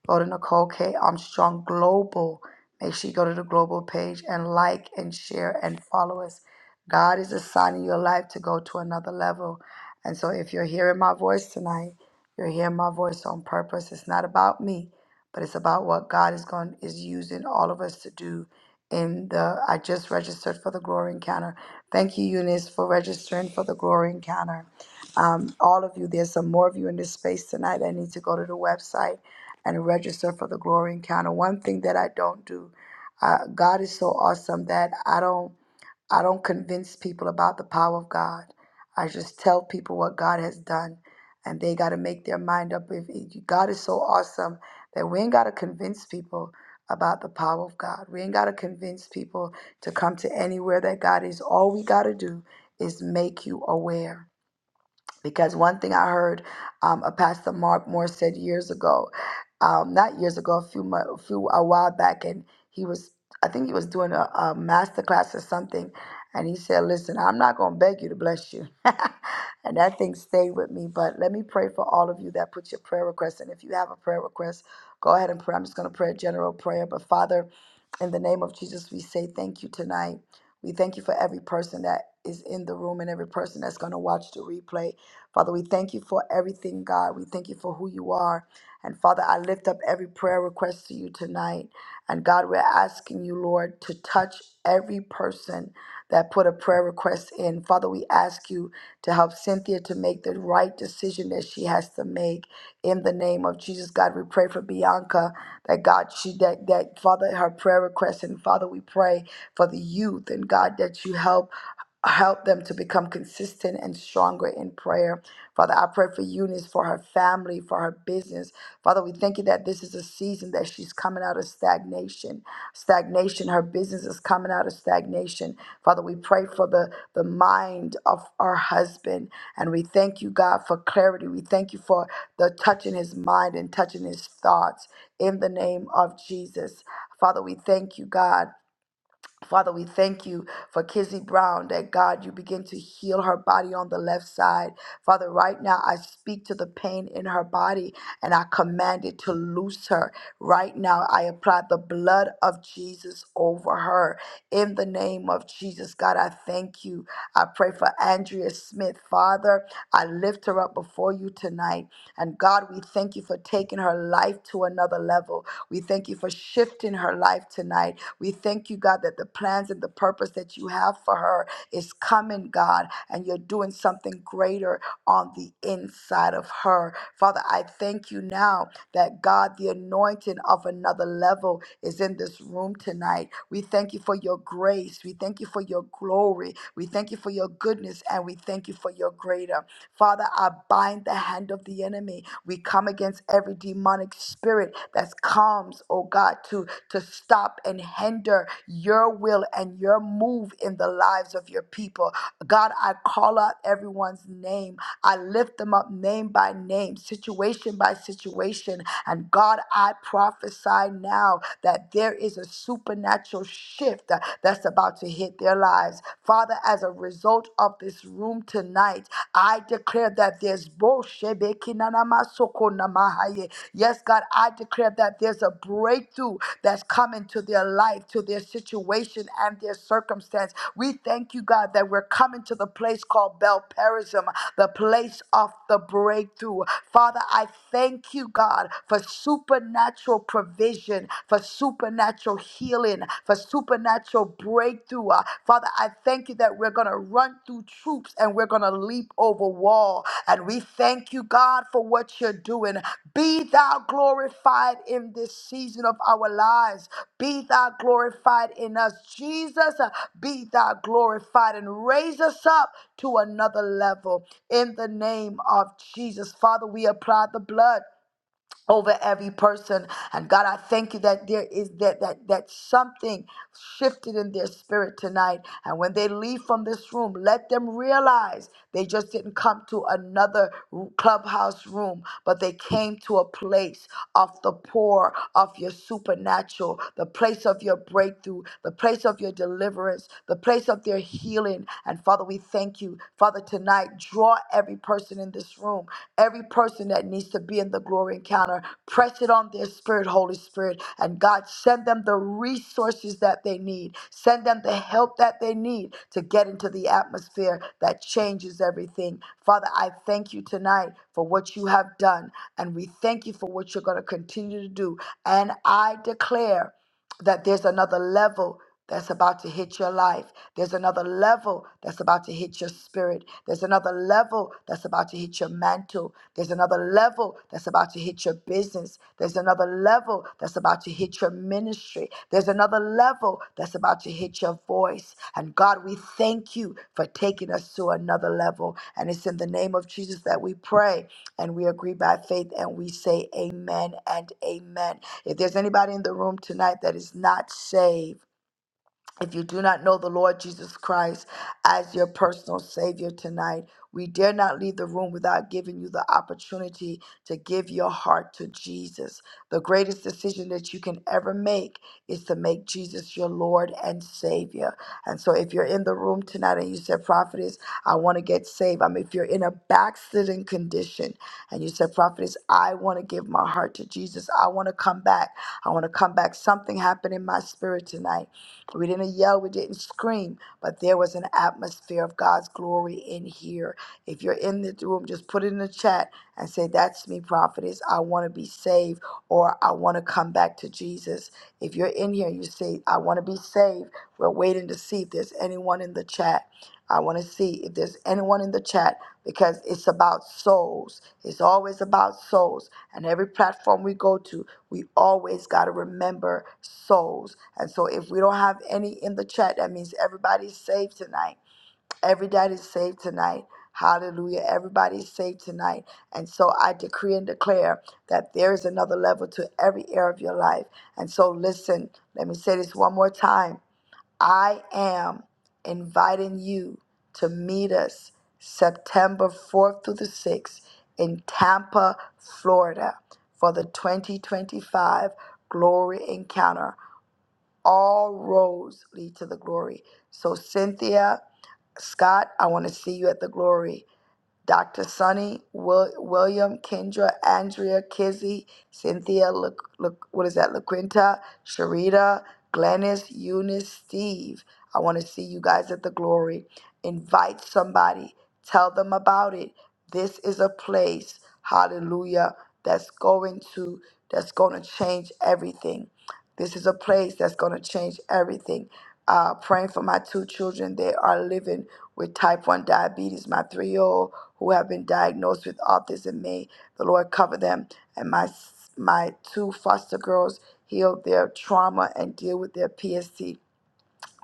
go to Nicole K. Armstrong Global. Make sure you go to the global page and like and share and follow us. God is assigning your life to go to another level. And so if you're hearing my voice tonight, you're hearing my voice on purpose. It's not about me, but it's about what God is going is using all of us to do in the I just registered for the glory encounter. Thank you, Eunice, for registering for the glory encounter um, all of you. There's some more of you in this space tonight. I need to go to the website and register for the Glory Encounter. One thing that I don't do, uh, God is so awesome that I don't I don't convince people about the power of God. I just tell people what God has done, and they got to make their mind up. If if God is so awesome that we ain't got to convince people about the power of God, we ain't got to convince people to come to anywhere that God is. All we got to do is make you aware because one thing I heard um, a pastor Mark Moore said years ago, um, not years ago, a few mo- a few a while back, and he was I think he was doing a, a master class or something, and he said, "Listen, I'm not going to beg you to bless you," and that thing stayed with me. But let me pray for all of you that put your prayer requests, and if you have a prayer request, go ahead and pray. I'm just going to pray a general prayer, but Father. In the name of Jesus, we say thank you tonight. We thank you for every person that is in the room and every person that's going to watch the replay. Father, we thank you for everything, God. We thank you for who you are. And Father, I lift up every prayer request to you tonight. And God, we're asking you, Lord, to touch every person that put a prayer request in. Father, we ask you to help Cynthia to make the right decision that she has to make in the name of Jesus. God, we pray for Bianca that God, she that that Father, her prayer request, and Father, we pray for the youth and God that you help help them to become consistent and stronger in prayer. Father, I pray for Eunice, for her family, for her business. Father, we thank you that this is a season that she's coming out of stagnation. Stagnation, her business is coming out of stagnation. Father, we pray for the, the mind of our husband. And we thank you, God, for clarity. We thank you for the touching his mind and touching his thoughts in the name of Jesus. Father, we thank you, God. Father, we thank you for Kizzy Brown that God, you begin to heal her body on the left side. Father, right now I speak to the pain in her body and I command it to loose her. Right now I apply the blood of Jesus over her. In the name of Jesus, God, I thank you. I pray for Andrea Smith. Father, I lift her up before you tonight. And God, we thank you for taking her life to another level. We thank you for shifting her life tonight. We thank you, God, that the plans and the purpose that you have for her is coming, God, and you're doing something greater on the inside of her. Father, I thank you now that, God, the anointing of another level is in this room tonight. We thank you for your grace. We thank you for your glory. We thank you for your goodness, and we thank you for your greater. Father, I bind the hand of the enemy. We come against every demonic spirit that comes, oh God, to, to stop and hinder your will and your move in the lives of your people. God, I call out everyone's name I lift them up name by name, situation by situation. And God, I prophesy now that there is a supernatural shift uh, that's about to hit their lives. Father, as a result of this room tonight, I declare that there's bo- shebekinanamasoko namahaye. Yes, God, I declare that there's a breakthrough breakthrough that's coming to their life, to their situation, and their circumstance. We thank you, God, that we're coming to the place called Belperism, the place of the breakthrough. Father, I thank you, God, for supernatural provision, for supernatural healing, for supernatural breakthrough. Uh, Father, I thank you that we're going to going to run through troops and we're going to leap over wall. And we thank you, God, for what you're doing. Be thou glorified in this season of our lives. Be thou glorified in us, Jesus. uh, Be thou glorified and raise us up to another level in the name of Jesus. Father, we apply the blood over every person and god i thank you that there is that that that something shifted in their spirit tonight and when they leave from this room let them realize they just didn't come to another clubhouse room but they came to a place of the pour of your supernatural the place of your breakthrough the place of your deliverance the place of their healing and father we thank you thank you, Father, tonight. Draw every person in this room, every person that needs to be in the glory encounter. Press it on their spirit, Holy Spirit. And God, send them the resources that they need. Send them the help that they need to get into the atmosphere that changes everything. Father, I thank you tonight for what you have done. And we thank you for what you're going to continue to do. And I declare that there's another level that's about to hit your life. There's another level that's about to hit your spirit. There's another level that's about to hit your mantle. There's another level that's about to hit your business. There's another level that's about to hit your ministry. There's another level that's about to hit your voice. And God, we thank you for taking us to another level. And it's in the name of Jesus that we pray. And we agree by faith and we say amen and amen. If there's anybody in the room tonight that is not saved, if you do not know the Lord Jesus Christ as your personal Savior tonight, we dare not leave the room without giving you the opportunity to give your heart to Jesus. The greatest decision that you can ever make is to make Jesus your Lord and Savior. And so, if you're in the room tonight and you said, Prophetess, I want to get saved, I mean, if you're in a backslidden condition and you said, Prophetess, I want to give my heart to Jesus, I want to come back, I want to come back. Something happened in my spirit tonight we didn't yell, we didn't scream, but there was an atmosphere of God's glory in here. If you're in the room, just put it in the chat and say, That's me, prophetess. I want to be saved or I want to come back to Jesus. If you're in here, you say, I want to be saved. We're waiting to see if there's anyone in the chat. I want to see if there's anyone in the chat because it's about souls. It's always about souls. And every platform we go to, we always got to remember souls. And so if we don't have any in the chat, that means everybody's saved tonight. Everybody's saved tonight. Hallelujah. Everybody's saved tonight. And so I decree and declare that there is another level to every area of your life. And so listen, let me say this one more time. I am inviting you to meet us September 4th through the 6th in Tampa, Florida for the 2025 Glory Encounter. All roads lead to the glory. So, Cynthia, Scott, I want to see you at the glory. Dr. Sunny, Wil- William, Kendra, Andrea, Kizzy, Cynthia, Lu- Lu- what is that, LaQuinta, Sharita, Glennis, Eunice, Steve. I want to see you guys at the glory. Invite somebody, tell them about it. This is a place, hallelujah, that's going to that's going to change everything. This is a place that's going to change everything. Uh, praying for my two children. They are living with type 1 diabetes. My three year old who have been diagnosed with autism. May the Lord cover them. And my my two foster girls heal their trauma and deal with their PST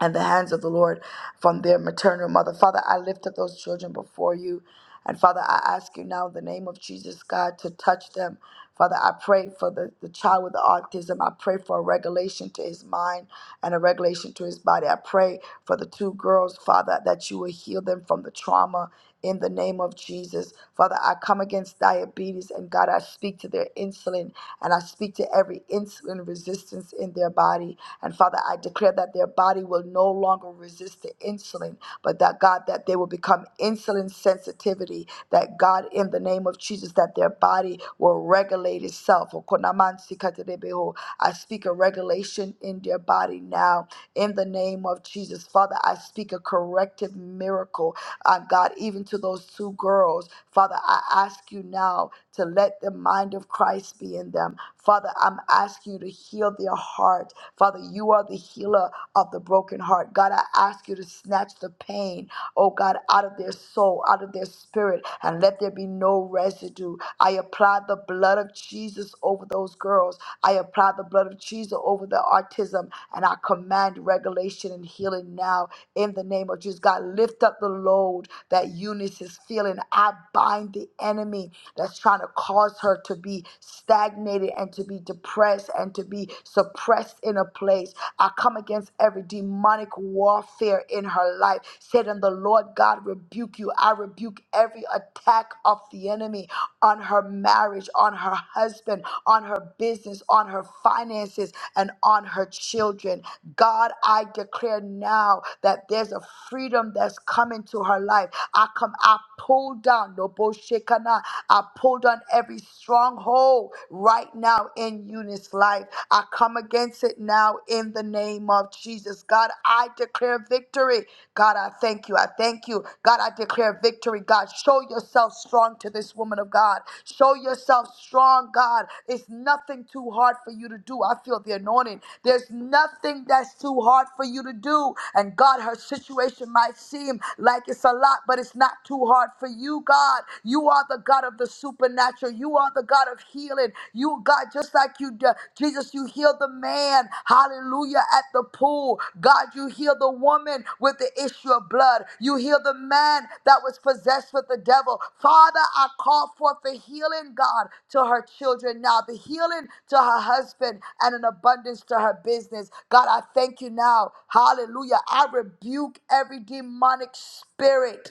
and the hands of the Lord from their maternal mother. Father, I lift up those children before you. And Father, I ask you now in the name of Jesus, God, to touch them. Father, I pray for the, the child with the autism. I pray for a regulation to his mind and a regulation to his body. I pray for the two girls, Father, that you will heal them from the trauma in the name of Jesus. Father, I come against diabetes and God, I speak to their insulin and I speak to every insulin resistance in their body. And Father, I declare that their body will no longer resist the insulin, but that God, that they will become insulin sensitivity, that God, in the name of Jesus, that their body will regulate itself. I speak a regulation in their body now in the name of Jesus. Father, I speak a corrective miracle, uh, God, even to those two girls. Father, I ask you now to let the mind of Christ be in them. Father, I'm asking you to heal their heart. Father, you are the healer of the broken heart. God, I ask you to snatch the pain, oh God, out of their soul, out of their spirit, and let there be no residue. I apply the blood of Jesus. Jesus over those girls. I apply the blood of Jesus over the autism and I command regulation and healing now in the name of Jesus. God, lift up the load that Eunice is feeling. I bind the enemy that's trying to cause her to be stagnated and to be depressed and to be suppressed in a place. I come against every demonic warfare in her life. Satan, the Lord God rebuke you you. I rebuke every attack of the enemy on her marriage, on her husband, on her business, on her finances, and on her children. God, I declare now that there's a freedom that's coming to her life. I come, I pull down, Lobo Shekana, I pull down every stronghold right now in Eunice's life. I come against it now in the name of of Jesus. God, I declare victory. God, I thank you. I thank you. God, I declare victory. God, show yourself strong to this woman of God. Show yourself strong, God. It's nothing too hard for you to do. I feel the anointing. There's nothing that's too hard for you to do. And God, her situation might seem like it's a lot, but it's not too hard for you, God. You are the God of the supernatural. You are the God of healing healing. You, God, just like you, d- Jesus, you healed the man, hallelujah, at the pool. God, you healed the woman with the issue of blood. You healed the man that was possessed with the devil. Father, I call forth the healing, God, to her children now, the healing to her husband, and an abundance to her business. God, I thank you now. Hallelujah. I rebuke every demonic spirit.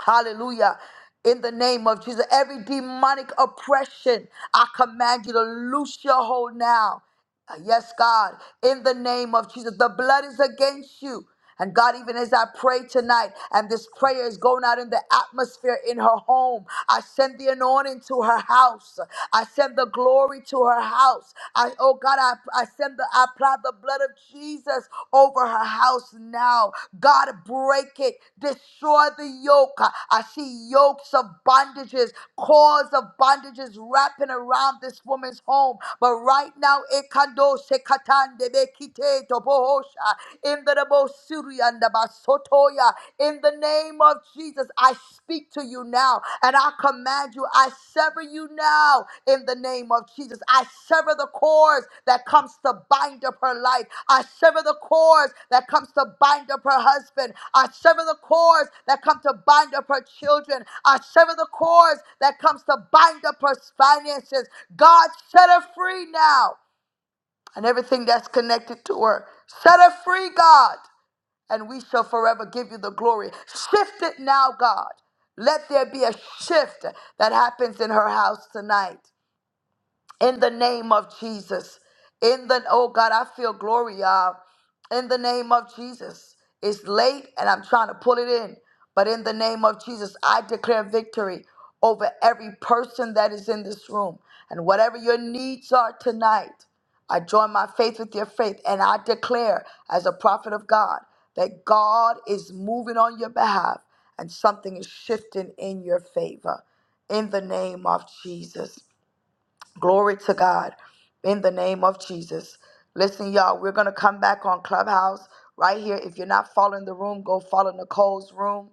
Hallelujah. In the name of Jesus, every demonic oppression, I command you to loose your hold now. Uh, Yes, God, in the name of Jesus, the blood is against you. And God, even as I pray tonight, and this prayer is going out in the atmosphere in her home, I send the anointing to her house. I send the glory to her house. I, oh God, I, I send the, I apply the blood of Jesus over her house now. God, break it, destroy the yoke. I see yokes of bondages, cords of bondages wrapping around this woman's home. But right now, kando shekatande bekite tobohosha. In the Rabosuri and the Basotoya. In the name of Jesus, I speak to you now and I command you, I sever you now in the name of Jesus. I sever the cords that comes to bind up her life. I sever the cords that comes to bind up her husband. I sever the cords that come to bind up her children. I sever the cords that comes to bind up her finances. God set her free now and everything that's connected to her. Set her free, God, and we shall forever give you the glory. Shift it now, God. Let there be a shift that happens in her house tonight in the name of Jesus. In the oh God, I feel glory, y'all. In the name of Jesus. It's late and I'm trying to pull it in. But in the name of Jesus, I declare victory over every person that is in this room. And whatever your needs are tonight, I join my faith with your faith. And I declare, as a prophet of God, that God is moving on your behalf and something is shifting in your favor. In the name of Jesus. Glory to God. In the name of Jesus. Listen, y'all, we're going to come back on Clubhouse right here. If you're not following the room, go follow Nicole's room.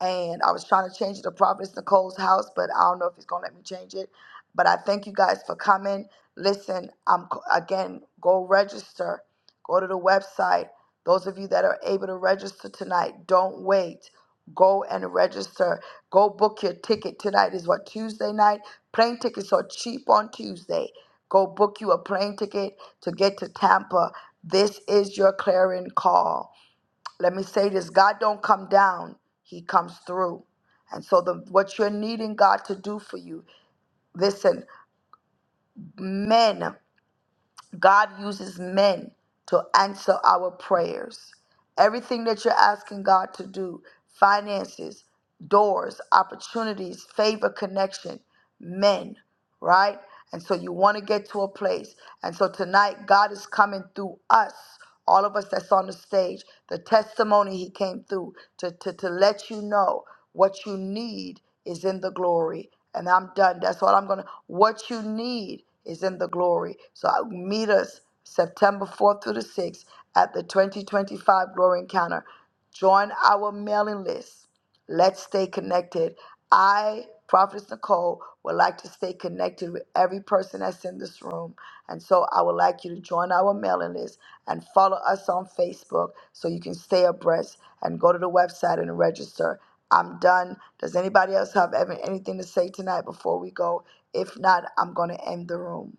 And I was trying to change it to Providence Nicole's house, but I don't know if he's going to let me change it. But I thank you guys for coming. Listen, I'm again, go register. Go to the website. Those of you that are able to register tonight, don't wait. Go and register. Go book your ticket tonight is what Tuesday night Plane tickets are cheap on Tuesday. Go book you a plane ticket to get to Tampa. This is your clarion call. Let me say this God don't come down, He comes through. And so, the, what you're needing God to do for you, listen, men. God uses men to answer our prayers. Everything that you're asking God to do finances, doors, opportunities, favor, connection, men, right? And so you want to get to a place. And so tonight, God is coming through us all of us that's on the stage, the testimony he came through to, to, to let you know what you need is in the glory. And I'm done. That's what I'm going to, what you need is in the glory. So I- meet us September 4th through the 6th at the 2025 Glory Encounter. Join our mailing list Let's stay connected. I, Prophetess Nicole, would like to stay connected with every person that's in this room. And so I would like you to join our mailing list and follow us on Facebook so you can stay abreast and go to the website and register. I'm done. Does anybody else have ever anything to say tonight before we go? If not, I'm going to end the room.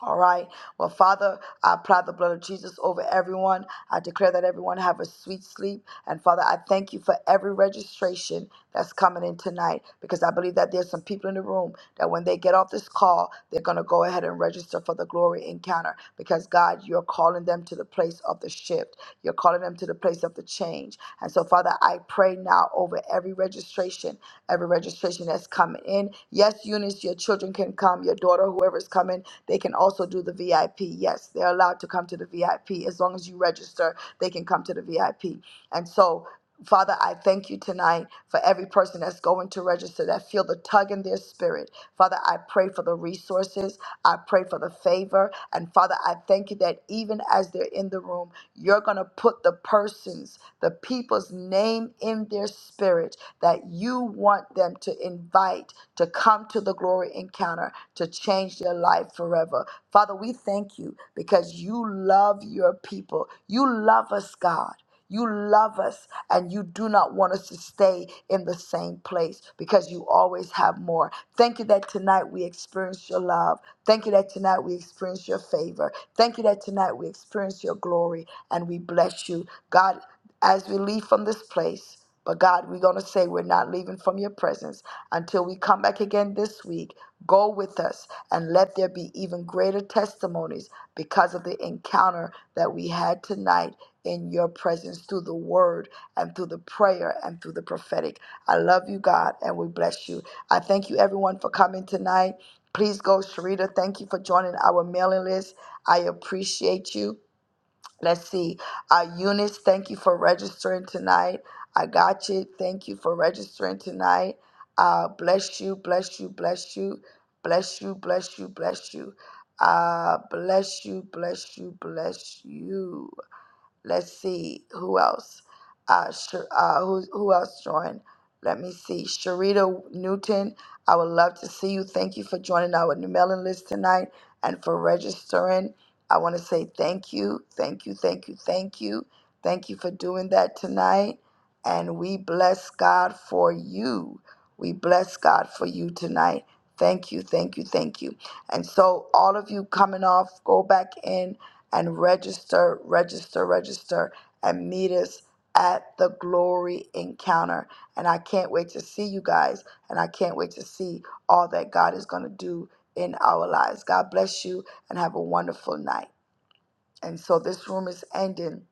All right. Well, Father, I apply the blood of Jesus over everyone. I declare that everyone have a sweet sleep. And Father, I thank you for every registration that's coming in tonight because I believe that there's some people in the room that when they get off this call, they're going to go ahead and register for the glory encounter because God, you're calling them to the place of the shift. You're calling them to the place of the change. And so, Father, I pray now over every registration, every registration that's coming in. Yes, Eunice, your children can come, your daughter, whoever's coming they can also do the VIP. Yes, they're allowed to come to the VIP. As long as you register, they can come to the VIP. And so, Father, I thank you tonight for every person that's going to register that feel the tug in their spirit Father, I pray for the resources. I pray for the favor. And Father, I thank you that even as they're in the room, you're going to put the person's, the people's name in their spirit that you want them to invite to come to the glory encounter to change their life forever. Father, we thank you because you love your people. You love us, God. You love us and you do not want us to stay in the same place because you always have more. Thank you that tonight we experience your love. Thank you that tonight we experience your favor. Thank you that tonight we experience your glory and we bless you. God, as we leave from this place. But God, we're going to say we're not leaving from your presence until we come back again this week. Go with us and let there be even greater testimonies because of the encounter that we had tonight in your presence through the word and through the prayer and through the prophetic. I love you, God, and we bless you. I thank you, everyone, for coming tonight. Please go, Sharita. Thank you for joining our mailing list. I appreciate you. Let's see. Uh, Eunice, thank you for registering tonight. I got you. Thank you for registering tonight. Uh, bless you, bless you, bless you, bless you, bless you, bless you. Uh, bless you, bless you, bless you. Let's see who else. Uh, Sh- uh, who, who else joined? Let me see. Sharita Newton, I would love to see you. Thank you for joining our new mailing list tonight and for registering. I want to say thank you, thank you, thank you, thank you. Thank you for doing that tonight. And we bless God for you. We bless God for you tonight. Thank you, thank you, thank you. And so, all of you coming off, go back in and register, register, register, and meet us at the glory encounter. And I can't wait to see you guys. And I can't wait to see all that God is going to do in our lives. God bless you and have a wonderful night. And so, this room is ending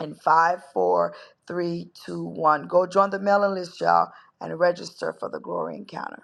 in five, four, three, two, one. Go join the mailing list, y'all, and register for the glory encounter.